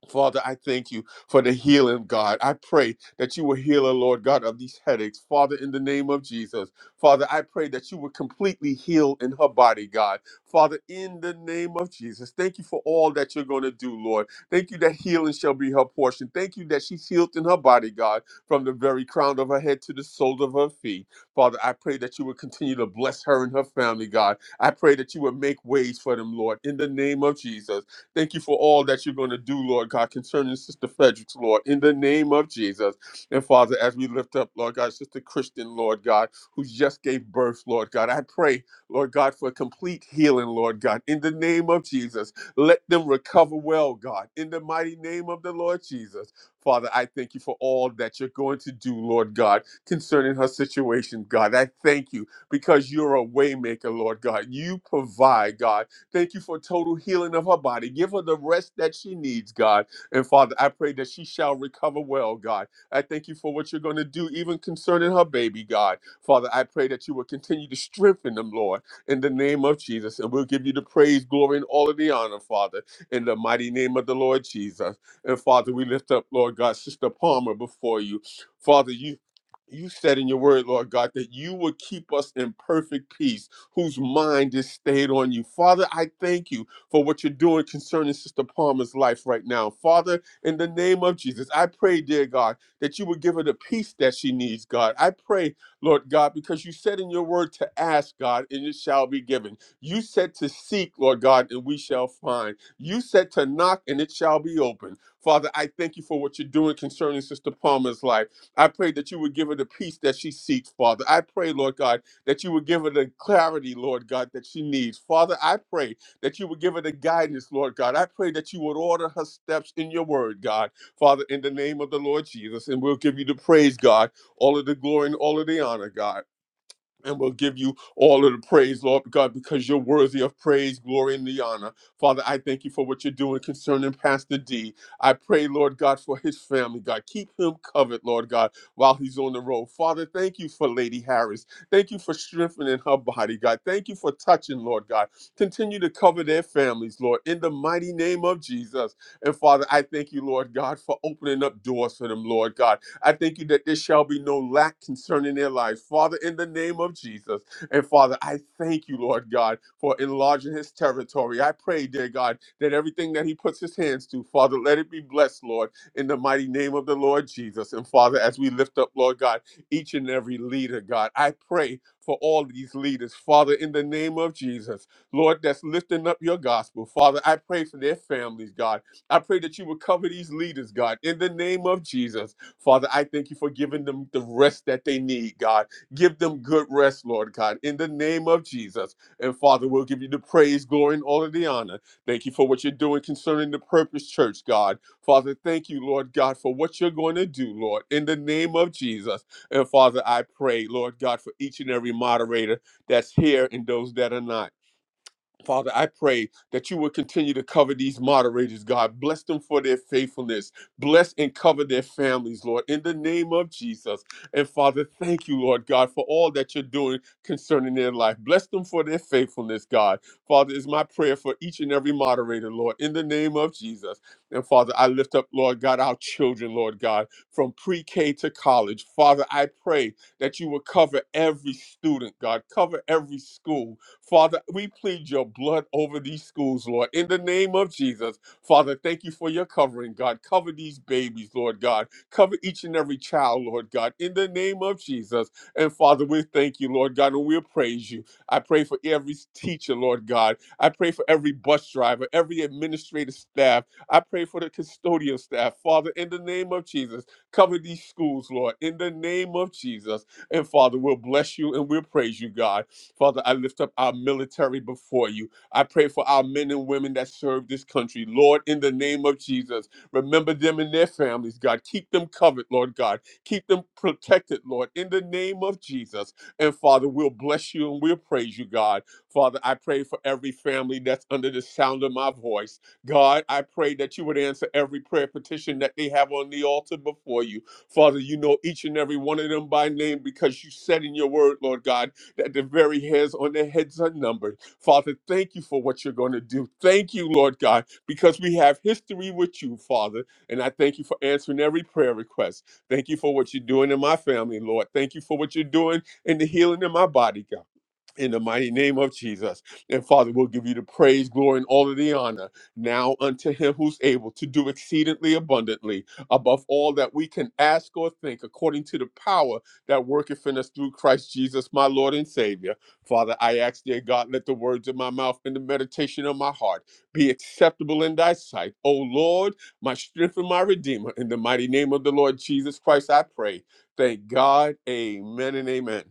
Speaker 3: Father, I thank you for the healing, God. I pray that you will heal, her, Lord God, of these headaches. Father, in the name of Jesus. Father, I pray that you will completely heal in her body, God. Father, in the name of Jesus. Thank you for all that you're going to do, Lord. Thank you that healing shall be her portion. Thank you that she's healed in her body, God, from the very crown of her head to the sole of her feet. Father, I pray that you would continue to bless her and her family, God. I pray that you would make ways for them, Lord, in the name of Jesus. Thank you for all that you're going to do, Lord God, concerning Sister Fredericks, Lord, in the name of Jesus. And Father, as we lift up, Lord God, Sister Christian, Lord God, who just gave birth, Lord God, I pray, Lord God, for complete healing, Lord God, in the name of Jesus. Let them recover well, God, in the mighty name of the Lord Jesus. Father, I thank you for all that you're going to do, Lord God, concerning her situation, God. I thank you because you're a waymaker, Lord God. You provide, God. Thank you for total healing of her body. Give her the rest that she needs, God. And Father, I pray that she shall recover well, God. I thank you for what you're going to do, even concerning her baby, God. Father, I pray that you will continue to strengthen them, Lord, in the name of Jesus. And we'll give you the praise, glory, and all of the honor, Father, in the mighty name of the Lord Jesus. And Father, we lift up, Lord God, Sister Palmer before you. Father, you. You said in your word, Lord God, that you would keep us in perfect peace whose mind is stayed on you. Father, I thank you for what you're doing concerning Sister Palmer's life right now. Father, in the name of Jesus, I pray, dear God, that you would give her the peace that she needs, God. I pray, Lord God, because you said in your word to ask, God, and it shall be given. You said to seek, Lord God, and we shall find. You said to knock, and it shall be open. Father, I thank you for what you're doing concerning Sister Palmer's life. I pray that you would give her the peace that she seeks, Father. I pray, Lord God, that you would give her the clarity, Lord God, that she needs. Father, I pray that you would give her the guidance, Lord God. I pray that you would order her steps in your word, God. Father, in the name of the Lord Jesus, and we'll give you the praise, God, all of the glory and all of the honor, God. And we'll give you all of the praise, Lord God, because you're worthy of praise, glory, and the honor. Father, I thank you for what you're doing concerning Pastor D. I pray, Lord God, for his family, God. Keep him covered, Lord God, while he's on the road. Father, thank you for Lady Harris. Thank you for strengthening her body, God. Thank you for touching, Lord God. Continue to cover their families, Lord, in the mighty name of Jesus. And Father, I thank you, Lord God, for opening up doors for them, Lord God. I thank you that there shall be no lack concerning their lives. Father, in the name of Jesus. And Father, I thank you, Lord God, for enlarging his territory. I pray, dear God, that everything that he puts his hands to, Father, let it be blessed, Lord, in the mighty name of the Lord Jesus. And Father, as we lift up, Lord God, each and every leader, God, I pray for all these leaders, Father, in the name of Jesus, Lord, that's lifting up your gospel. Father, I pray for their families, God. I pray that you would cover these leaders, God, in the name of Jesus. Father, I thank you for giving them the rest that they need, God. Give them good rest, Lord God, in the name of Jesus. And Father, we'll give you the praise, glory, and all of the honor. Thank you for what you're doing concerning the Purpose Church, God. Father, thank you, Lord God, for what you're going to do, Lord, in the name of Jesus. And Father, I pray, Lord God, for each and every moderator that's here and those that are not. Father, I pray that you would continue to cover these moderators, God. Bless them for their faithfulness. Bless and cover their families, Lord, in the name of Jesus. And Father, thank you, Lord God, for all that you're doing concerning their life. Bless them for their faithfulness, God. Father, is my prayer for each and every moderator, Lord, in the name of Jesus. And Father, I lift up, Lord God, our children, Lord God, from pre K to college. Father, I pray that you would cover every student, God, cover every school. Father, we plead your blood over these schools, Lord, in the name of Jesus. Father, thank you for your covering, God. Cover these babies, Lord God. Cover each and every child, Lord God, in the name of Jesus. And Father, we thank you, Lord God, and we praise you. I pray for every teacher, Lord God. I pray for every bus driver, every administrative staff. I pray for the custodial staff. Father, in the name of Jesus, cover these schools, Lord, in the name of Jesus. And Father, we'll bless you and we'll praise you, God. Father, I lift up our military before you. I pray for our men and women that serve this country. Lord, in the name of Jesus, remember them and their families, God. Keep them covered, Lord God. Keep them protected, Lord, in the name of Jesus. And Father, we'll bless you and we'll praise you, God. Father, I pray for every family that's under the sound of my voice. God, I pray that you would answer every prayer petition that they have on the altar before you. Father, you know each and every one of them by name because you said in your word, Lord God, that the very hairs on their heads are numbered. Father, thank you for what you're going to do. Thank you, Lord God, because we have history with you, Father. And I thank you for answering every prayer request. Thank you for what you're doing in my family, Lord. Thank you for what you're doing in the healing in my body, God in the mighty name of Jesus. And Father, we'll give you the praise, glory, and all of the honor now unto him who's able to do exceedingly abundantly above all that we can ask or think, according to the power that worketh in us through Christ Jesus, my Lord and Savior. Father, I ask, dear God, let the words of my mouth and the meditation of my heart be acceptable in thy sight. O Lord, my strength and my redeemer, in the mighty name of the Lord Jesus Christ, I pray. Thank God. Amen and amen.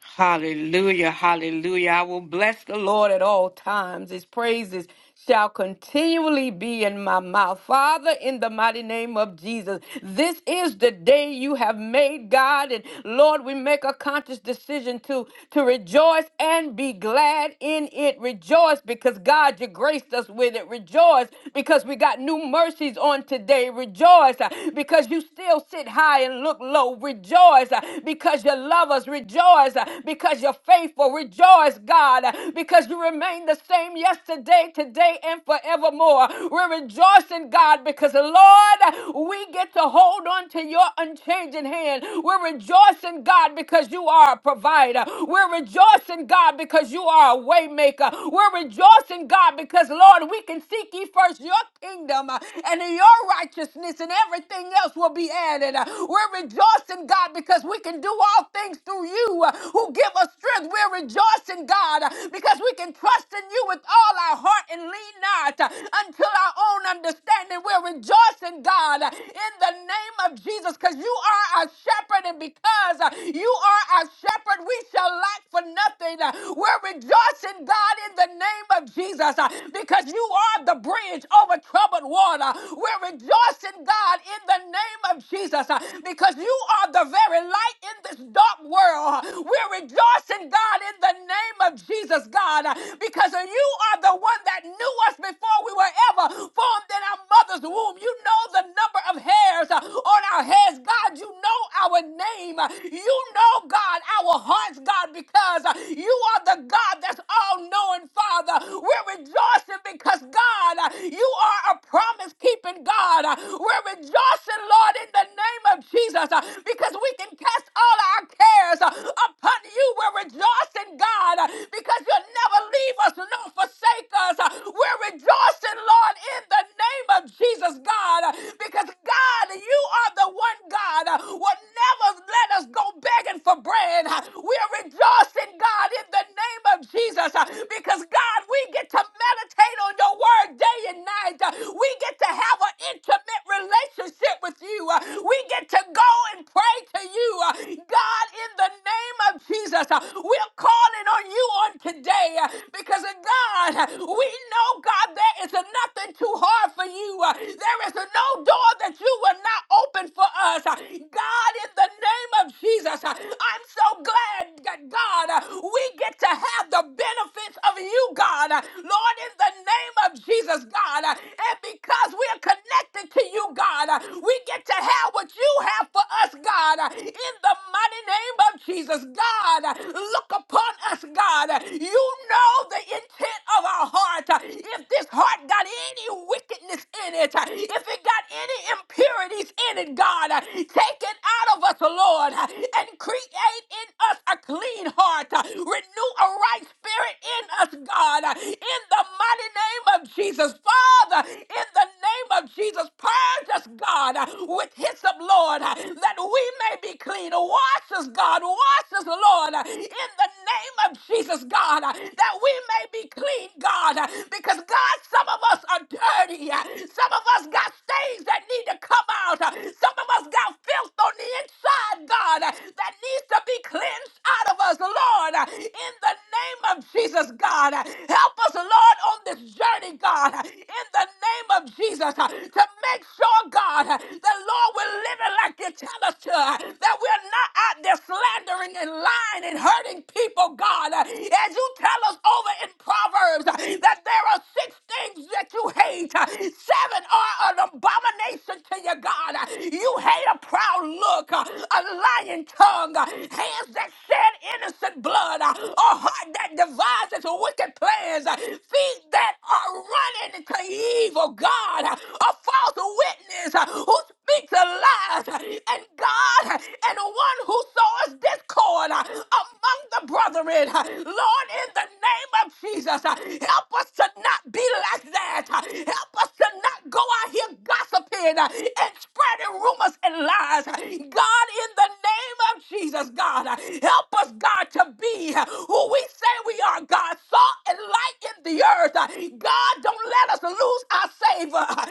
Speaker 4: Hallelujah, hallelujah. I will bless the Lord at all times. His praises shall continually be in my mouth. Father, in the mighty name of Jesus, this is the day you have made, God. And Lord, we make a conscious decision to, to rejoice and be glad in it. Rejoice because God, you graced us with it. Rejoice because we got new mercies on today. Rejoice uh, because you still sit high and look low. Rejoice uh, because you love us. Rejoice rejoice uh, because you're faithful. Rejoice, God, uh, because you remain the same yesterday, today, and forevermore. We're rejoicing, God, because Lord, uh, we get to hold on to your unchanging hand. We're rejoicing, God, because you are a provider. We're rejoicing, God, because you are a way maker. We're rejoicing, God, because Lord, we can seek ye first your kingdom uh, and your righteousness, and everything else will be added. Uh, We're rejoicing, God, because we can do all things through through you uh, who give us strength. We're rejoicing, God, uh, because we can trust in you with all our heart and lean not uh, until our own understanding. We're rejoicing, God, uh, in the name of Jesus, because you are our shepherd, and because uh, you are our shepherd, we shall lack for nothing. Uh, We're rejoicing, God, in the name of Jesus, uh, because you are the bridge over troubled water. We're rejoicing, God, in the name of Jesus, uh, because you are the very light in this dark dark world. We're rejoicing, God, in the name of Jesus, God, because you are the one that knew us before we were ever formed in our mother's womb. You know the number of hairs on our heads, God. You know our name. You know, God, our hearts, God, because you are the God that's all knowing, Father. We're rejoicing because, God, you are a promise keeping God. We're rejoicing, Lord, in the name of Jesus, because we can cast all all our cares uh, upon you. We're rejoicing, God, uh, because you'll never leave us nor forsake us. Uh, We're rejoicing, Lord, in the name of Jesus, God, uh, because God, you are the one God uh, will never let us go begging for bread. Uh, We're rejoicing, God, in the name of Jesus, uh, because God, we get to meditate on your word day and night. Uh, We get to have an intimate relationship with you. Uh, We get to go and pray to you. Uh, God, in the name of Jesus, uh, we're calling on you on today uh, because of God, uh, we know, God, there is nothing too hard for you. Uh, There is no door that you will not open for us. Uh, God, in the name of Jesus, uh, I'm so glad that God, uh, we get to have the benefits of you, God. Uh, Lord, in the name of Jesus, God, uh, and because we are connected to you, God, uh, we get to have what you have for us, God. uh, in the mighty name of Jesus. God, look upon us, God. You know the intent of our heart. If this heart got any wickedness in it, if it got any impurities in it, God, take it out of us, Lord, and create in us a clean heart. Renew a right spirit in us, God, in the mighty name of Jesus. Father, in the name of Jesus, purge us, God, with hyssop, Lord, that we may be clean. Wash us, God. Wash us, Lord, in the name of Jesus, God, that we may be clean, God. Because, God, some of us are dirty. Some of us got stains that need to come out. Some of us got filth on the inside, God. God, uh, that needs to be cleansed out of us, Lord, uh, in the name of Jesus, God. Uh, Help us, Lord, on this journey, God, uh, in the name of Jesus, uh, to make sure, God, uh, that, Lord, we're living like you tell us to, uh, that we're not out there slandering and lying and hurting people, God, Uh, as you tell us over in Proverbs uh, that there are six things that you hate. Seven are an abomination to your God. You hate a proud look, a lying tongue, hands that shed innocent blood, a heart that devises wicked plans, feet that are running to evil. God, a false witness who speaks a lie, and God, and one who sows discord among the brethren. Lord, in the name of Jesus, help Help us to not be like that. Help us to not go out here gossiping uh, and spreading rumors and lies. God, in the name of Jesus, God, uh, help us, God, to be uh, who we say we are, God, salt and light in the earth. Uh, God, don't let us lose our savor. Uh, God,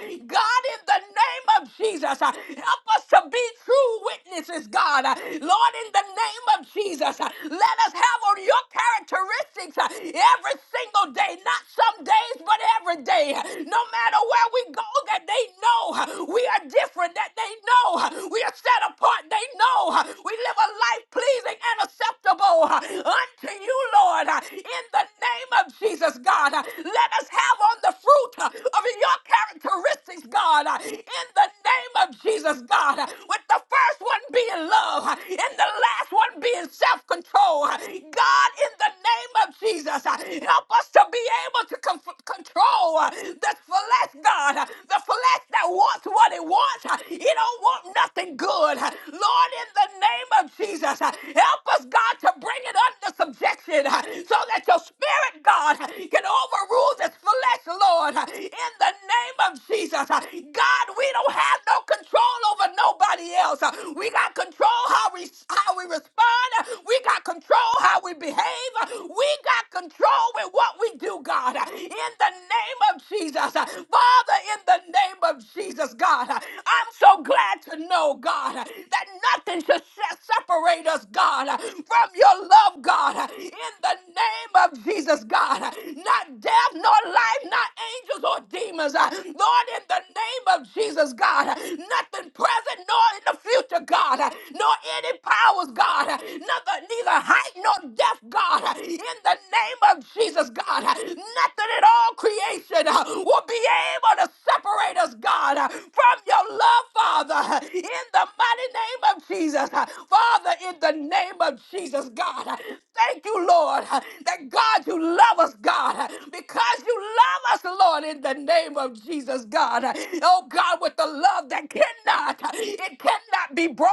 Speaker 4: in the name of Jesus, uh, help us to be true witnesses, God. Uh, Lord, in the name of Jesus, uh, let us have on your characteristics. uh, every single day, not some days, but every day. No matter where we go, that they know we are different, that they know we are set apart, they know we live a life pleasing and acceptable unto you, Lord. In the name of Jesus, God, let us have on the fruit of your characteristics, God. In the name of Jesus, God, with the first one being love and the last one being self control. God, in the name of Jesus. Uh, Help us to be able to con- control uh, the flesh, God. Uh, The flesh that wants what it wants. Uh, It don't want nothing good. Uh, Lord, in the name of Jesus, uh, help us, God, to bring it under subjection uh, so that your spirit, God, uh, can overrule this flesh, Lord. Uh, In the name of Jesus, uh, God, we don't have no control over nobody else. Uh, We got control how we how we respond. We got control control how we behave. We got control with what we do, God. In the name of Jesus. Father, in the name of Jesus, God, I'm so glad to know, God, that nothing should se- separate us, God, from your love, God. In the name of Jesus, God, not death, nor life, not angels or demons. Lord, in the name of Jesus, God, nothing present, nor in the the future, God, uh, nor any powers, God, uh, neither, neither height nor depth, God, uh, in the name of Jesus, God, uh, nothing at all creation uh, will be able to separate us, God, uh, from your love, Father, uh, in the mighty name of Jesus, uh, Father, in the name of Jesus. Jesus, God. Thank you, Lord, that God, you love us, God, because you love us, Lord, in the name of Jesus, God. Oh, God, with the love that cannot, it cannot be broken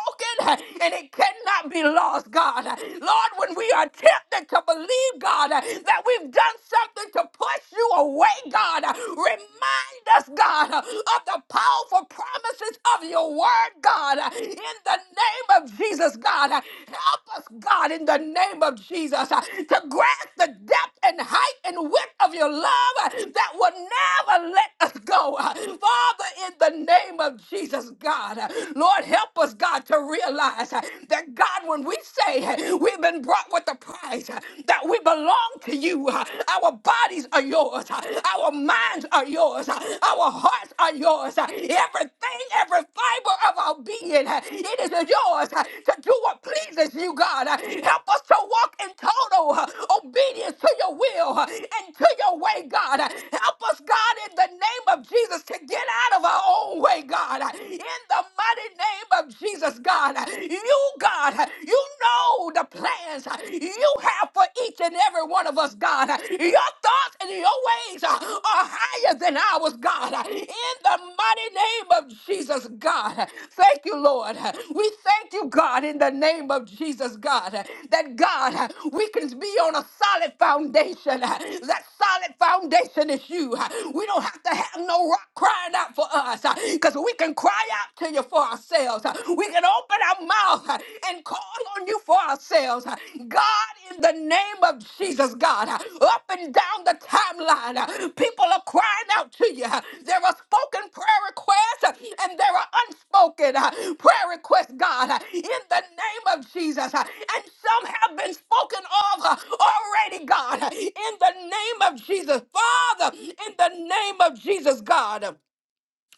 Speaker 4: and it cannot be lost, God. Lord, when we are tempted to believe, God, that we've done something to push push you away, God. Remind us, God, of the powerful promises of your word, God. In the name of Jesus, God, help us, God, in the name of Jesus, to grasp the depth and height and width of your love that will never let us go. Father, in the name of Jesus, God, Lord, help us, God, to realize that, God, when we say we've been brought with a price, that we belong to you. Our bodies are yours. Our minds are yours. Our hearts are yours. Everything, every fiber of our being, it is yours to do what pleases you, God. Help us to walk in total obedience to your will and to your way, God. Help us, God, in the name of Jesus, to get out of our own way, God. In the mighty name of Jesus, God. You, God, you know the plans you have for each and every one of us, God. Your thoughts and your ways are higher than ours, God. In the mighty name of Jesus, God. Thank you, Lord. We thank you, God, in the name of Jesus, God, that God, we can be on a solid foundation. That solid foundation is you. We don't have to have no rock crying out for us because we can cry out to you for for ourselves. We can open our mouth and call on you for ourselves. God, in the name of Jesus, God, up and down the timeline, people are crying out to you. There are spoken prayer requests and there are unspoken prayer requests, God, in the name of Jesus. And some have been spoken of already, God, in the name of Jesus. Father, in the name of Jesus, God.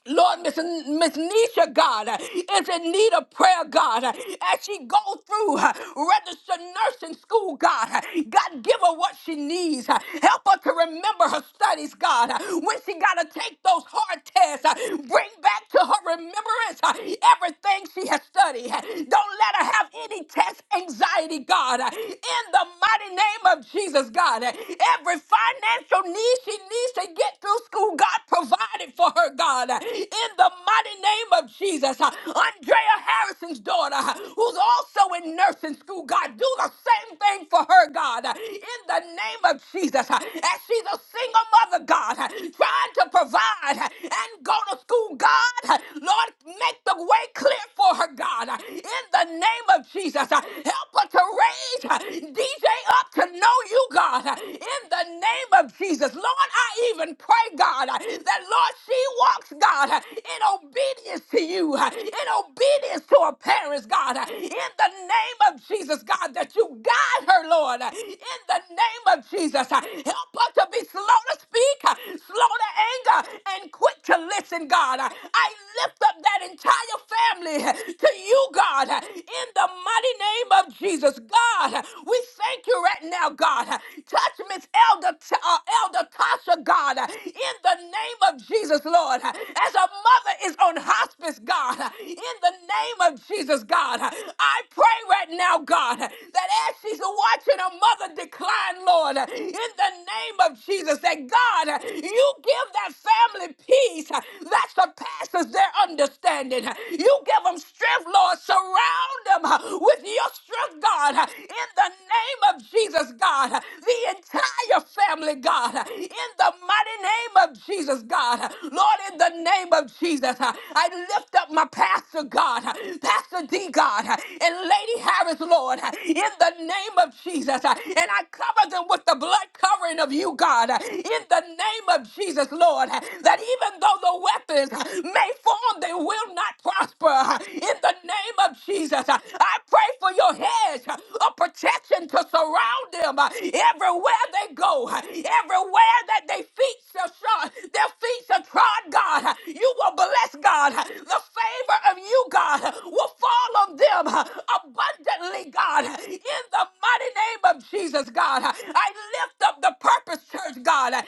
Speaker 4: Lord, Miss, Miss Nisha, God, uh, is in need of prayer, God, uh, as she go through uh, registered nursing school, God. uh, God, give her what she needs. uh, Help her to remember her studies, God. uh, When she got to take those hard tests, uh, bring back to her remembrance uh, everything she has studied. uh, Don't let her have any test anxiety, God. uh, In the mighty name of Jesus, God, uh, every financial need she needs to get through school, God, provide provided for her, God, in the mighty name of Jesus. Andrea Harrison's daughter, who's also in nursing school, God, do the same thing for her, God, in the name of Jesus. As she's a single mother, God, trying to provide and go to school, God, Lord, make the way clear for her, God, in the name of Jesus. Help her to raise DJ up to know you, God, in the name of Jesus. Lord, I even even pray, God, that Lord, she walks, God, in obedience to you, in obedience to her parents, God, in the name of Jesus, God, that you guide her, Lord, in the name of Jesus. Help her to be slow to speak, slow to anger, and quick to listen, God. I lift up that entire family to you, God, in the mighty name of Jesus. God, we thank you right now, God. Touch Miss Elder uh, Elder Tasha, God, in the name of Jesus, Lord, as a mother is on hospice, God, in the name of Jesus, God, I pray right now, God, that as she's watching her mother decline, Lord, in the name of Jesus, that God, you give that family peace that surpasses their understanding. You give them strength, Lord. Surround them with your strength, God, in the name of Jesus, God. The entire family, God, in the mighty name of Jesus, God. Lord, in the name of Jesus, I lift up my pastor, God, Pastor D, God, and Lady Harris, Lord, in the name of Jesus. And I cover them with the blood covering of you, God, in the name of Jesus, Lord, that even though the weapons may form, they will not prosper. In the name of Jesus, I pray for your heads a protection to surround them uh, everywhere they go, uh, everywhere that they feet shall shod, their feet shall trod, God. uh, You will bless God. uh, The favor of you, God, uh, will fall on them uh, abundantly, God, uh, in the mighty name of Jesus, God. uh, I lift up the purpose, church, God. uh,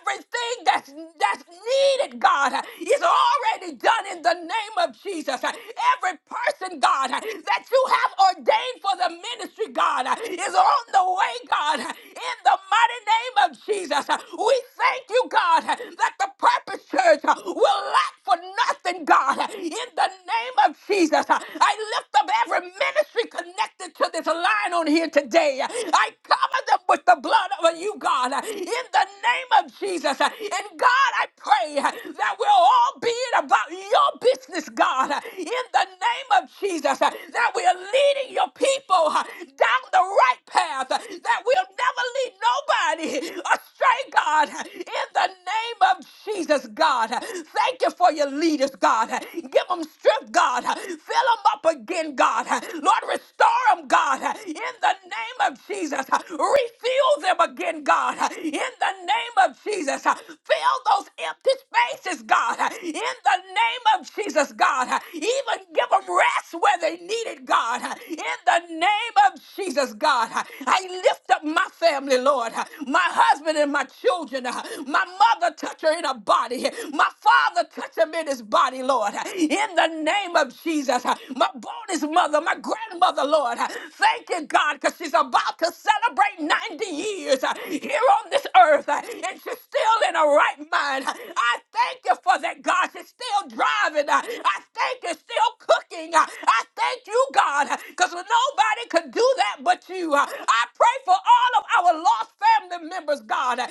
Speaker 4: Everything that's that's needed, God, uh, is already done in the name of Jesus. Uh, Every person, God, uh, that you have ordained for the ministry, God, uh, is on the way, God, uh, in the mighty name of Jesus. Uh, We thank you, God, uh, that the purpose church uh, will lack for nothing, God, uh, in the name of Jesus. Uh, I lift up every ministry connected to this line on here today. Uh, I cover them with the blood of you, God, uh, in the name of Jesus. Uh, And God, I pray uh, that we'll all be about your business, God, uh, in the name of Jesus uh, that we are leading your people uh, down the right path, uh, that we'll never lead nobody astray, God, uh, in the name of Jesus, God. Uh, Thank you for your leaders, God. Uh, Give them strength, God. Uh, Fill them up again, God. Uh, Lord, restore them, God, Uh, in the name of Jesus. Uh, Refuel them again, God, Uh, in in the name of Jesus. uh, Fill those empty spaces, God, uh, in the name of Jesus, God. uh, Even give them rest where they need it, God, uh, in the name of Jesus, God. uh, I lift up my family, Lord, uh, my husband and my children, uh, my mother, touch her in her body, uh, my father, touch him in his body, Lord, uh, in the name of Jesus. uh, My bonus mother mother, my grandmother, Lord. Thank you, God, because she's about to celebrate 90 years uh, here on this earth, uh, and she's still in her right mind. I thank you for that, God. She's still driving. uh, I thank you, still cooking. uh, I thank you, God, because nobody could do that but you. Uh, I pray for all of our lost family family members, God. That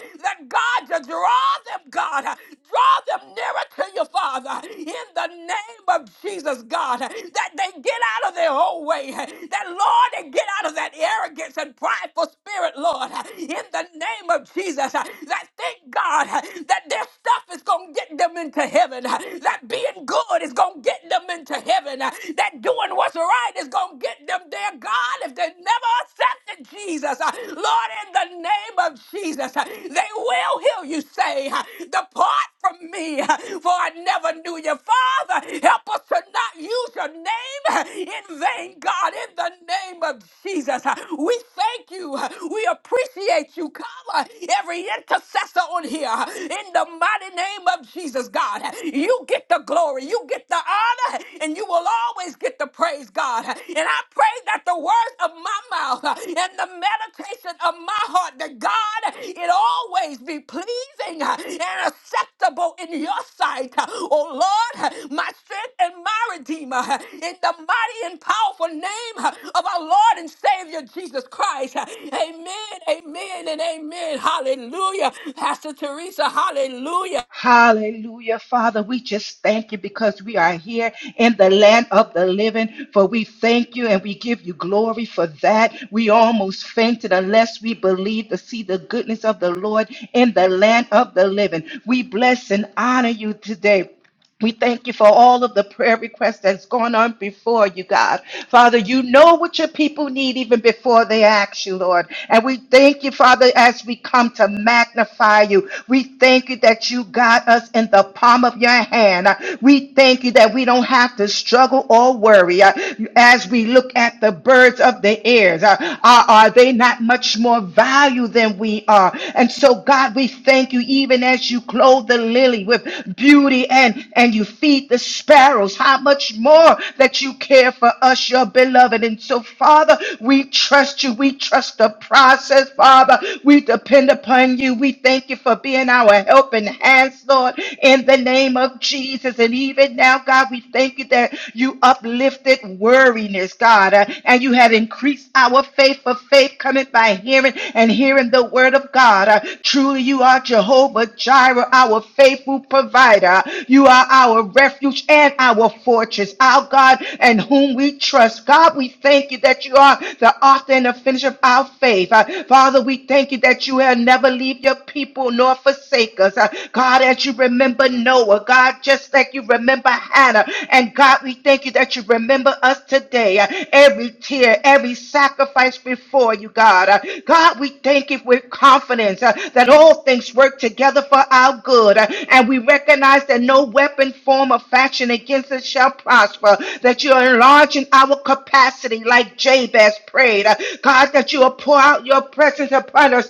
Speaker 4: God you draw them, God. Draw them nearer to you, Father. In the name of Jesus, God. That they get out of their own way. That, Lord, they get out of that arrogance and prideful spirit, Lord. In the name of Jesus. That thank God that their stuff is going to get them into heaven. That being good is going to get them into heaven. That doing what's right is going to get them there, to God if they never accepted Jesus. Uh, Lord, in the name of Jesus, uh, they will hear you say, uh, Depart from me, uh, for I never knew you. Father, help us to not use your name uh, in vain, God, in the name of Jesus. Uh, We thank you. Uh, We appreciate you. Cover every intercessor on here uh, in the mighty name of Jesus, God. uh, You get the glory, you get the honor, and you will always get the praise, God. God. And I pray that the words of my mouth and the meditation of my heart, that God, it always be pleasing and acceptable in your sight. Oh Lord, my strength and my redeemer, in the mighty and powerful name of our Lord and Savior Jesus Christ. Amen, amen, and amen. Hallelujah. Pastor Teresa, hallelujah.
Speaker 7: Hallelujah. Father, we just thank you because we are here in the land of the living. For we thank you and we give you glory for that. We almost fainted unless we believed to see the goodness of the Lord in the land of the living. We bless and honor you today. We thank you for all of the prayer requests that's gone on before you, God. Father, you know what your people need even before they ask you, Lord. And we thank you, Father, as we come to magnify you. We thank you that you got us in the palm of your hand. Uh, We thank you that we don't have to struggle or worry. Uh, As we look at the birds of the air, uh, are are they not much more value than we are? are. And so, God, we thank you, even as you clothe the lily with beauty and, and you feed the sparrows, how much more that you care for us, your beloved. And so, Father, we trust you. We trust the process, Father. We depend upon you. We thank you for being our helping hands, Lord, in the name of Jesus. And even now, God, we thank you that you uplifted worriness, God. God, uh, and you have increased our faith, for faith cometh by hearing and hearing the word of God. Uh, Truly, you are Jehovah Jireh, our faithful provider. You are our refuge and our fortress, our God, and whom we trust. God, we thank you that you are the author and the finisher of our faith. Uh, Father, we thank you that you have never leave your people nor forsake us. Uh, God, as you remember Noah, God, God, just like you remember Hannah. And God, we thank you that you remember us today. Uh, Every tear, every sacrifice before you, God. Uh, God, we thank you with confidence uh, that all things work together for our good. Uh, And we recognize that no weapon, form, or fashion against us shall prosper, that you are enlarging our capacity like Jabez prayed. Uh, God, that you will pour out your presence upon us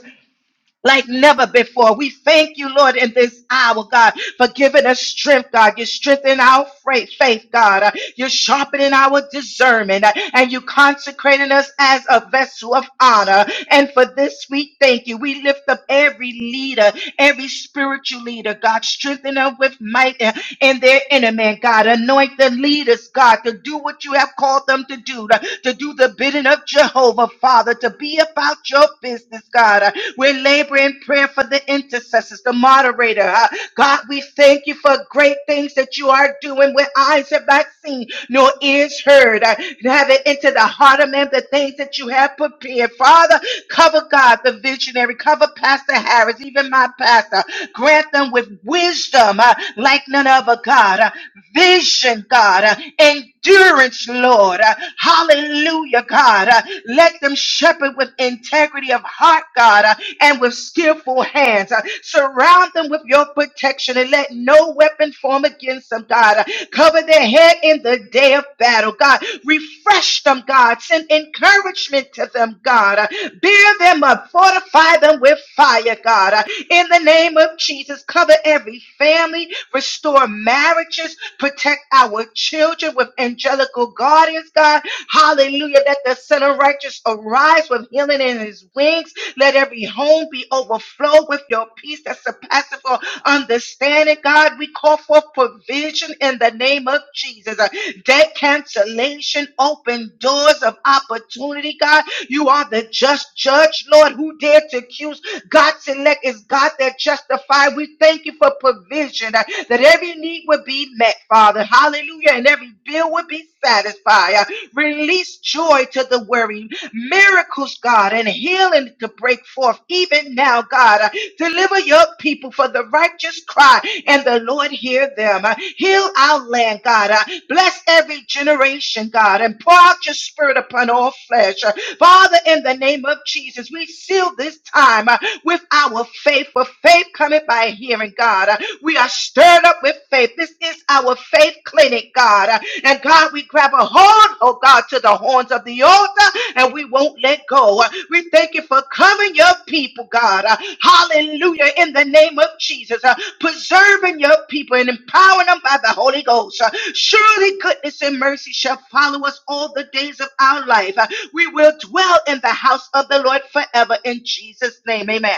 Speaker 7: like never before. We thank you, Lord, in this hour, God, for giving us strength, God. You're strengthening our faith, faith God. Uh, You're sharpening our discernment, uh, and you consecrating us as a vessel of honor. And for this, we thank you. We lift up every leader, every spiritual leader, God. Strengthen them with might uh, in their inner man, God. Anoint the leaders, God, to do what you have called them to do, to, to do the bidding of Jehovah. Jehovah, Father, to be about your business, God. Uh, We're laboring in prayer for the intercessors, the moderator. Uh, God, we thank you for great things that you are doing where eyes have not seen, nor ears heard. Uh, and Have it into the heart of man the things that you have prepared. Father, cover God, the visionary, cover Pastor Harris, even my pastor. Grant them with wisdom uh, like none other, God. Uh, vision, God, uh, and endurance, Lord. Uh, Hallelujah, God. Uh, Let them shepherd with integrity of heart, God, uh, and with skillful hands. Uh, Surround them with your protection and let no weapon form against them, God. Uh, Cover their head in the day of battle, God. Refresh them, God. Send encouragement to them, God. Uh, Bear them up. Fortify them with fire, God. Uh, In the name of Jesus, cover every family, Restore marriages. Protect our children with angelical guardians, God. Hallelujah. Let the Son of Righteous arise with healing in his wings. Let every home be overflowed with your peace that surpasses all understanding, God. We call for provision in the name of Jesus. Uh, Debt cancellation, open doors of opportunity, God. You are the just judge, Lord one who dared to accuse God's elect is God that justifies. We thank you for provision uh, that every need would be met, Father. Hallelujah. And every bill would be satisfied. Uh, Release joy to the weary, miracles, God, and healing to break forth even now, God. Uh, Deliver your people for the righteous cry, and the Lord hear them. Uh, Heal our land, God. Uh, Bless every generation restoration, God, and pour out your spirit upon all flesh. Uh, Father, in the name of Jesus, we seal this time uh, with our faith, for faith coming by hearing, God. Uh, We are stirred up with faith. This is our faith clinic, God. Uh, And God, we grab a hold, oh God, to the horns of the altar and we won't let go. Uh, We thank you for covering your people, God. Uh, Hallelujah. In the name of Jesus. Uh, preserving your people and empowering them by the Holy Ghost. Uh, Surely goodness and mercy shall follow us all the days of our life. Uh, We will dwell in the house of the Lord forever in Jesus' name. Amen.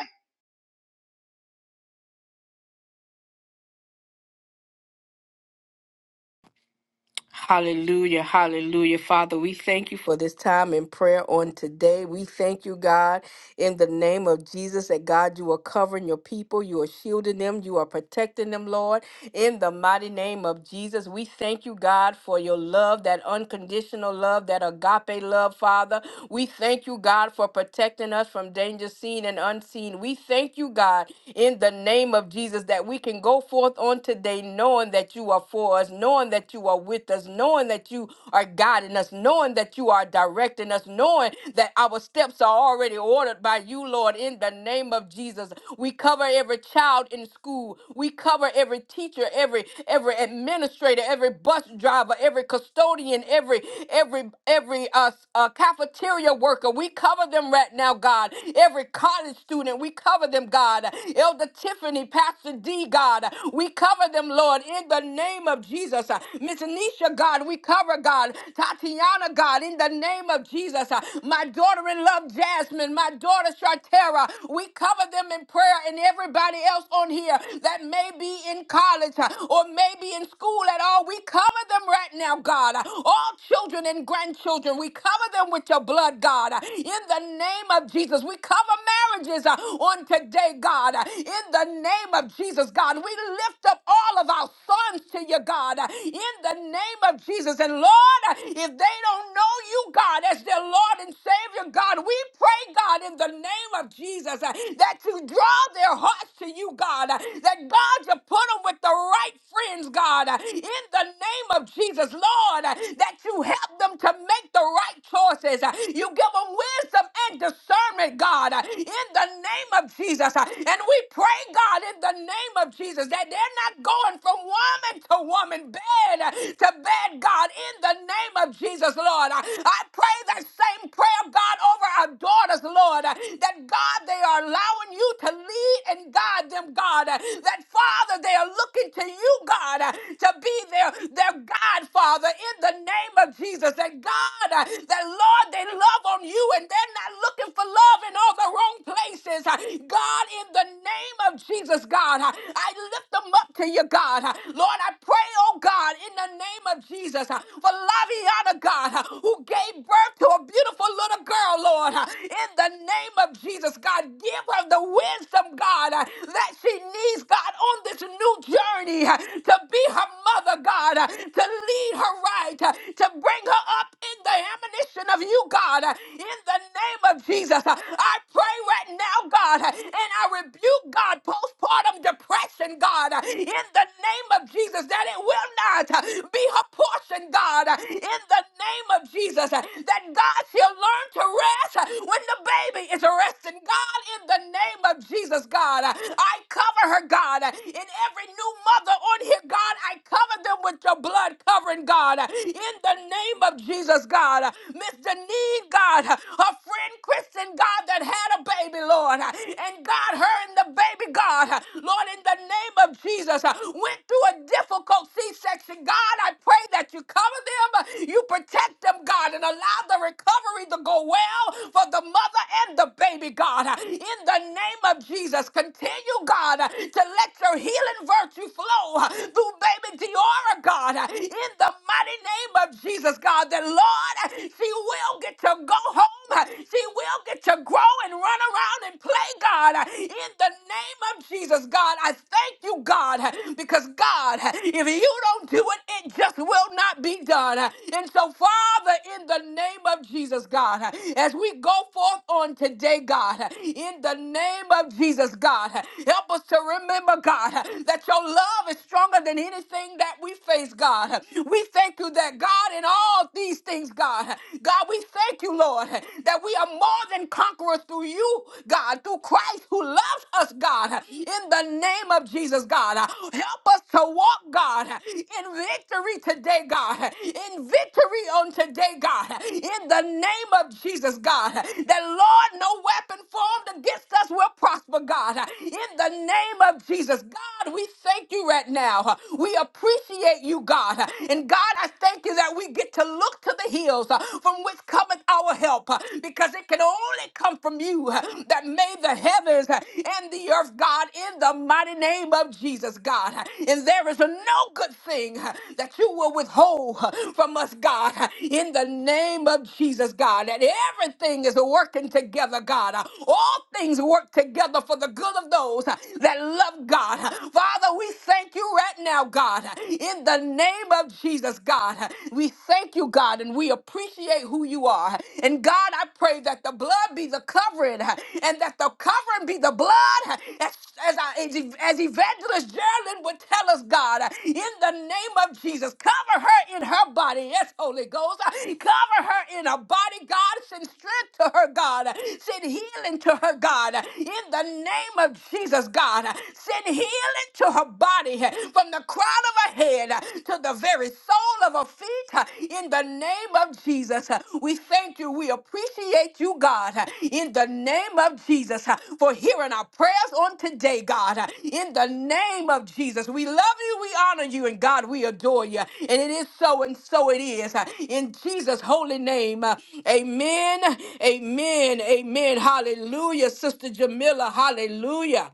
Speaker 4: Hallelujah, hallelujah. Father, we thank you for this time in prayer on today. We thank you, God in the name of Jesus that God, you are covering your people, you are shielding them, you are protecting them, Lord, in the mighty name of Jesus. We thank you, God, for your love, that unconditional love, that agape love, Father. We thank you, God, for protecting us from danger seen and unseen. We thank you, God, in the name of Jesus that we can go forth on today knowing that you are for us, knowing that you are with us, knowing that you are guiding us, knowing that you are directing us, knowing that our steps are already ordered by you, Lord, in the name of Jesus. We cover every child in school. We cover every teacher, every every administrator, every bus driver, every custodian, every every every uh, uh, cafeteria worker. We cover them right now, God. Every college student, we cover them, God. Elder Tiffany, Pastor D, God, we cover them, Lord, in the name of Jesus. Miss Anisha, God, we cover, God. Tatiana, honor, God, in the name of Jesus. Uh, My daughter in love, Jasmine, my daughter, Shartera, we cover them in prayer and everybody else on here that may be in college uh, or may be in school at all. We cover them right now, God. Uh, All children and grandchildren, we cover them with your blood, God. Uh, In the name of Jesus, we cover marriages uh, on today, God. Uh, In the name of Jesus, God, we lift up all of our sons to you, God. Uh, In the name of Jesus. And Lord, if they don't know you, God, as their Lord and Savior, God, we pray, God, in the name of Jesus, uh, that you draw their hearts to you, God, uh, that God, you put them with the right friends, God, uh, in the name of Jesus, Lord, uh, that you help them to make the right choices. uh, You give them wisdom and discernment, God, uh, in the name of Jesus. uh, And we pray, God, in the name of Jesus, that they're not going from woman woman to woman, bed to bed, God, in the name of Jesus, Lord. I I pray that same prayer, God, over our daughters, Lord, that God, they are allowing you to lead and guide them, God, that Father, they are looking to you, God, to be their, their God, Father, in the name of Jesus, that God, that Lord, they love on you and they're not looking for love in all the wrong places. God, in the name of Jesus, God, I I lift them up to you, God. Lord, I pray, oh God, in the name of Jesus, for Laviana, God, who gave birth to a beautiful little girl, Lord. In the name of Jesus, God, give her the wisdom, God, that she needs, God, on this new journey to be her mother, God, to lead her right, to bring her up in the admonition of you, God. In the name of Jesus, I pray right now, God, and I rebuke rebuke, God, postpartum depression, God, in the name of Jesus, that it will not be her portion, God, in the name of Jesus, that God she'll learn to rest when the baby is resting. God, in the name of Jesus, God, I cover her, God, in every new mother on here, God, I cover them with your blood covering, God, in the name of Jesus, God. Miss Denise, God, her friend Kristen, God, that had a the baby, Lord. And God, her and the baby, God, Lord, in the name of Jesus, went through a difficult C section. God, I pray that you cover them, you protect them, God, and allow the recovery to go well for the mother and the baby, God. In the name of Jesus, continue, God, to let your healing virtue flow through baby Diora, God, in the mighty name of Jesus, God, that Lord, she will get to go home. She will will get to grow and run around and play, God. In the name of Jesus, God, I thank you, God, because God, if you don't do it, it just will not be done. And so, Father, in the name of Jesus, God, as we go forth on today, God, in the name of Jesus, God, help us to remember, God, that your love is stronger than anything that we face, God. We thank you that, God, in all these things, God, God, God, we thank you, Lord, that we are more than conquerors through you, God, through Christ who loves us, God, in the name of Jesus, God. Help us to walk, God, in victory today, God, in victory on today, God, in the name of Jesus, God, that, Lord, no weapon formed against us will prosper, God, in the name of Jesus, God. God, we thank you right now. We appreciate you, God. And God, I thank you that that we get to look to the hills uh, from which cometh our help, uh, because it can only come from you uh, that made the heavens uh, and the earth, God, in the mighty name of Jesus, God. Uh, And there is no good thing uh, that you will withhold uh, from us, God, uh, in the name of Jesus, God, that everything is working together, God. Uh, All things work together for the good of those uh, that love God. Uh, Father, we thank you right now, God, uh, in in the name of Jesus, God, we thank you, God, and we appreciate who you are. And God, I pray that the blood be the covering and that the covering be the blood as, as, I, as Evangelist Geraldine would tell us, God, in the name of Jesus, cover her in her body. Yes, Holy Ghost, cover her in her body, God. Send strength to her, God. Send healing to her, God. In the name of Jesus, God, send healing to her body eh, from the crown of her head eh, to the very sole of her feet eh, in the name of Jesus. eh. We thank you. We appreciate you, God, eh, in the name of Jesus eh, for hearing our prayers on today, God, eh, in the name of Jesus. We love you. We honor you. And God, we adore you. And it is so and so it is. eh, In Jesus' holy name. eh. Amen. Amen. Amen. Hallelujah. Sister Jamila. Hallelujah.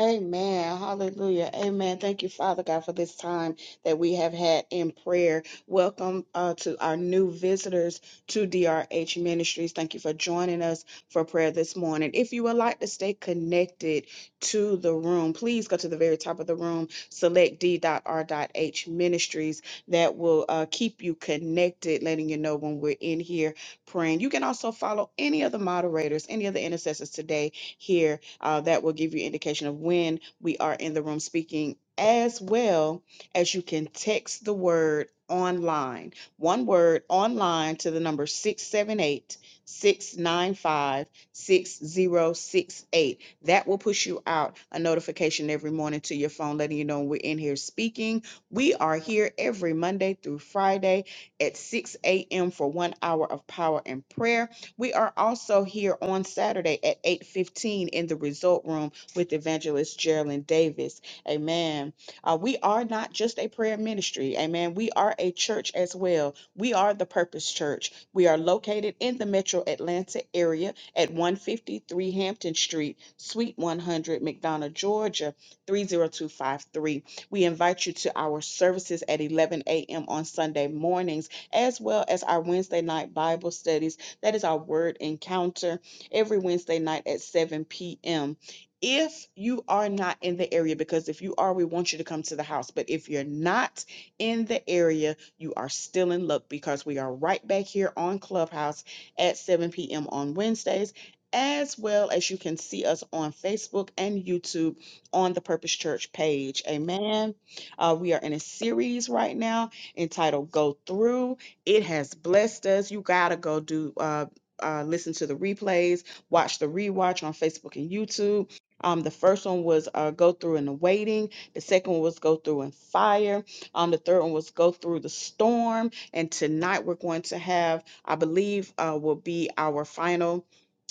Speaker 1: Amen. Hallelujah. Amen. Thank you, Father God, for this time that we have had in prayer. Welcome uh, to our new visitors to DRH Ministries. Thank you for joining us for prayer this morning. If you would like to stay connected to the room, please go to the very top of the room, select d.r.h ministries. That will uh, keep you connected, letting you know when we're in here praying. You can also follow any of the moderators, any of the intercessors today here uh, that will give you indication of when we are in the room speaking as well as you can text the word online one word online to the number 678 695 6068. that will push you out a notification every morning to your phone letting you know we're in here speaking we are here every monday through friday at 6 a.m for one hour of power and prayer we are also here on Saturday at 8:15 in the Result Room with Evangelist Geraldine Davis. Amen. Uh, we are not just a prayer ministry. Amen. We are a church as well. We are the Purpose Church. We are located in the Metro Atlanta area at 153 Hampton Street, Suite 100, McDonough, Georgia 30253. We invite you to our services at 11 a.m. on Sunday mornings, as well as our Wednesday night Bible studies that is our word encounter every Wednesday night at 7 p.m. If you are not in the area, because if you are, we want you to come to the house. But if you're not in the area, you are still in luck because we are right back here on Clubhouse at 7 p.m. on Wednesdays, as well as you can see us on Facebook and YouTube on the Purpose Church page. Amen. Uh, we are in a series right now entitled Go Through. It has blessed us. You gotta go do uh, uh, listen to the replays, watch the rewatch on Facebook and YouTube. Um, the first one was uh, go through in the waiting. The second one was go through in fire. Um, the third one was go through the storm. And tonight we're going to have, I believe, uh, will be our final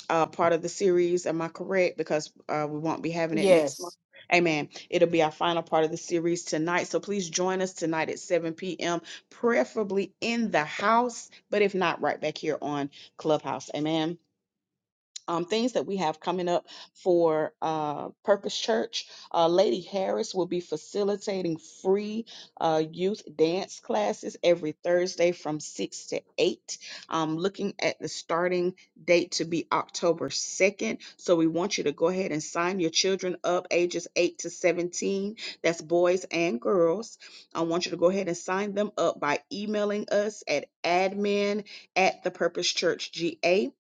Speaker 1: uh, part of the series. Am I correct? Because uh, we won't be having it next
Speaker 4: Yes.
Speaker 1: month. Amen. It'll be our final part of the series tonight. So please join us tonight at 7 p.m., preferably in the house, but if not, right back here on Clubhouse. Amen um, things that we have coming up for uh, Purpose Church. Uh, Lady Harris will be facilitating free uh, youth dance classes every Thursday from 6 to 8. i looking at the starting date to be October 2nd. So we want you to go ahead and sign your children up ages 8 to 17. That's boys and girls. I want you to go ahead and sign them up by emailing us at admin at the Purpose Church GA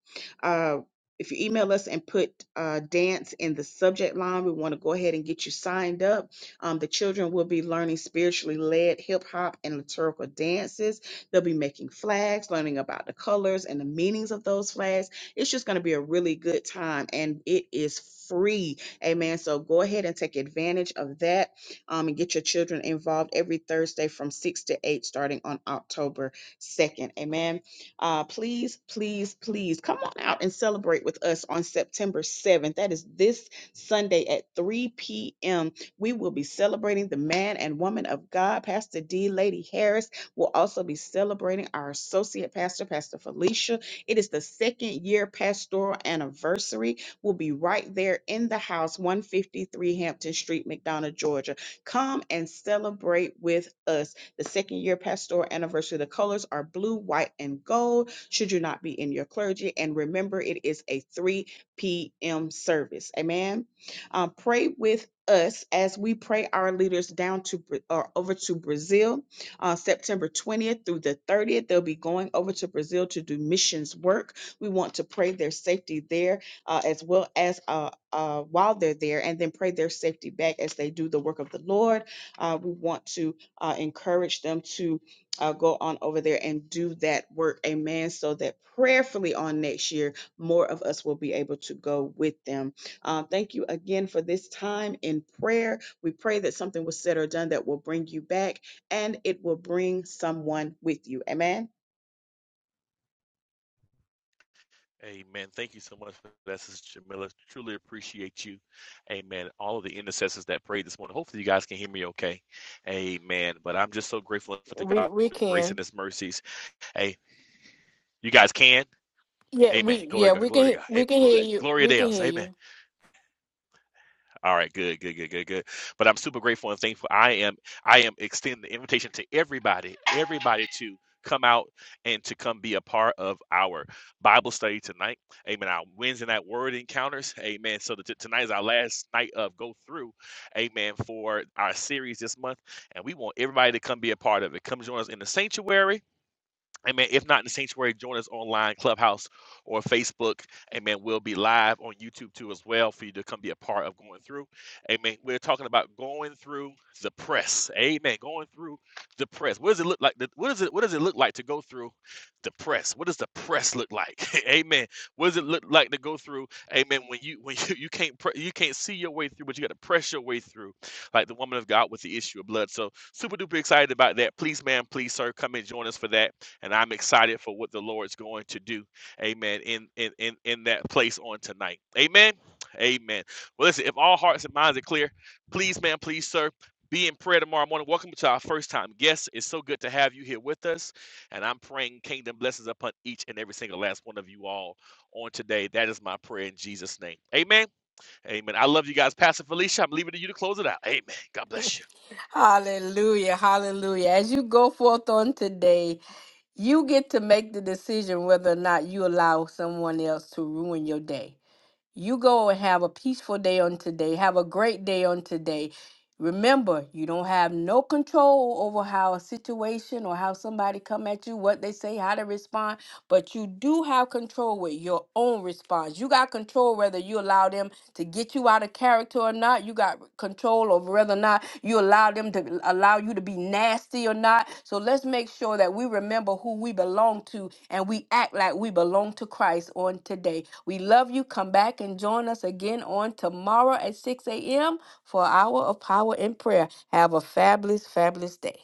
Speaker 1: if you email us and put uh, dance in the subject line, we want to go ahead and get you signed up. Um, the children will be learning spiritually led hip hop and liturgical dances. They'll be making flags, learning about the colors and the meanings of those flags. It's just going to be a really good time and it is free. Amen. So go ahead and take advantage of that um, and get your children involved every Thursday from 6 to 8, starting on October 2nd. Amen. Uh, please, please, please come on out and celebrate with us on September 7th. That is this Sunday at 3 p.m. We will be celebrating the man and woman of God. Pastor D. Lady Harris will also be celebrating our associate pastor, Pastor Felicia. It is the second year pastoral anniversary. We'll be right there in the house, 153 Hampton Street, McDonough, Georgia. Come and celebrate with us. The second year pastoral anniversary, the colors are blue, white, and gold. Should you not be in your clergy? And remember, it is a 3 p.m. service. Amen. Um, pray with us as we pray our leaders down to or over to Brazil on uh, September 20th through the 30th. They'll be going over to Brazil to do missions work. We want to pray their safety there uh, as well as uh, uh, while they're there, and then pray their safety back as they do the work of the Lord. Uh, we want to uh, encourage them to uh, go on over there and do that work. Amen. So that prayerfully on next year, more of us will be able to go with them. Uh, thank you again for this time in prayer. We pray that something was said or done that will bring you back and it will bring someone with you. Amen.
Speaker 2: Amen. Thank you so much for that, Sister Jamila. Truly appreciate you. Amen. All of the intercessors that prayed this morning. Hopefully, you guys can hear me okay. Amen. But I'm just so grateful for the
Speaker 4: We
Speaker 2: God
Speaker 4: we
Speaker 2: for His grace and
Speaker 4: can.
Speaker 2: His mercies. Hey, you guys can.
Speaker 4: Yeah,
Speaker 2: Amen.
Speaker 4: we
Speaker 2: Glory
Speaker 4: yeah,
Speaker 2: to God.
Speaker 4: we
Speaker 2: Glory
Speaker 4: can
Speaker 2: to God. Amen.
Speaker 4: we can hear
Speaker 2: Glory.
Speaker 4: you.
Speaker 2: Gloria
Speaker 4: We
Speaker 2: to
Speaker 4: can
Speaker 2: Deus.
Speaker 4: hear
Speaker 2: Amen.
Speaker 4: you.
Speaker 2: All right. Good. Good. Good. Good. Good. But I'm super grateful and thankful. I am. I am extending the invitation to everybody. Everybody to come out and to come be a part of our Bible study tonight. Amen. Our Wednesday night word encounters. Amen. So that t- tonight is our last night of go through. Amen. For our series this month, and we want everybody to come be a part of it. Come join us in the sanctuary Amen. If not in the sanctuary, join us online, Clubhouse or Facebook. Amen. We'll be live on YouTube too as well for you to come be a part of going through. Amen. We're talking about going through the press. Amen. Going through the press. What does it look like? to- What is it? What does it look like to go through the press? What does the press look like? Amen. What does it look like to go through? Amen. When you when you, you can't pre- you can't see your way through, but you got to press your way through, like the woman of God with the issue of blood. So super duper excited about that. Please, ma'am, please, sir, come and join us for that and I'm excited for what the Lord's going to do. Amen. In in in in that place on tonight. Amen. Amen. Well, listen, if all hearts and minds are clear, please, man, please, sir. Be in prayer tomorrow morning. Welcome to our first time guests. It's so good to have you here with us. And I'm praying kingdom blessings upon each and every single last one of you all on today. That is my prayer in Jesus' name. Amen. Amen. I love you guys. Pastor Felicia, I'm leaving it to you to close it out. Amen. God bless you.
Speaker 4: Hallelujah. Hallelujah. As you go forth on today, you get to make the decision whether or not you allow someone else to ruin your day. You go and have a peaceful day on today. Have a great day on today. Remember, you don't have no control over how a situation or how somebody come at you, what they say, how to respond, but you do have control with your own response. You got control whether you allow them to get set you out of character or not. You got control over whether or not you allow them to allow you to be nasty or not. So let's make sure that we remember who we belong to and we act like we belong to Christ on today. We love you. Come back and join us again on tomorrow at 6 a.m. for Hour of Power and Prayer. Have a fabulous, fabulous day.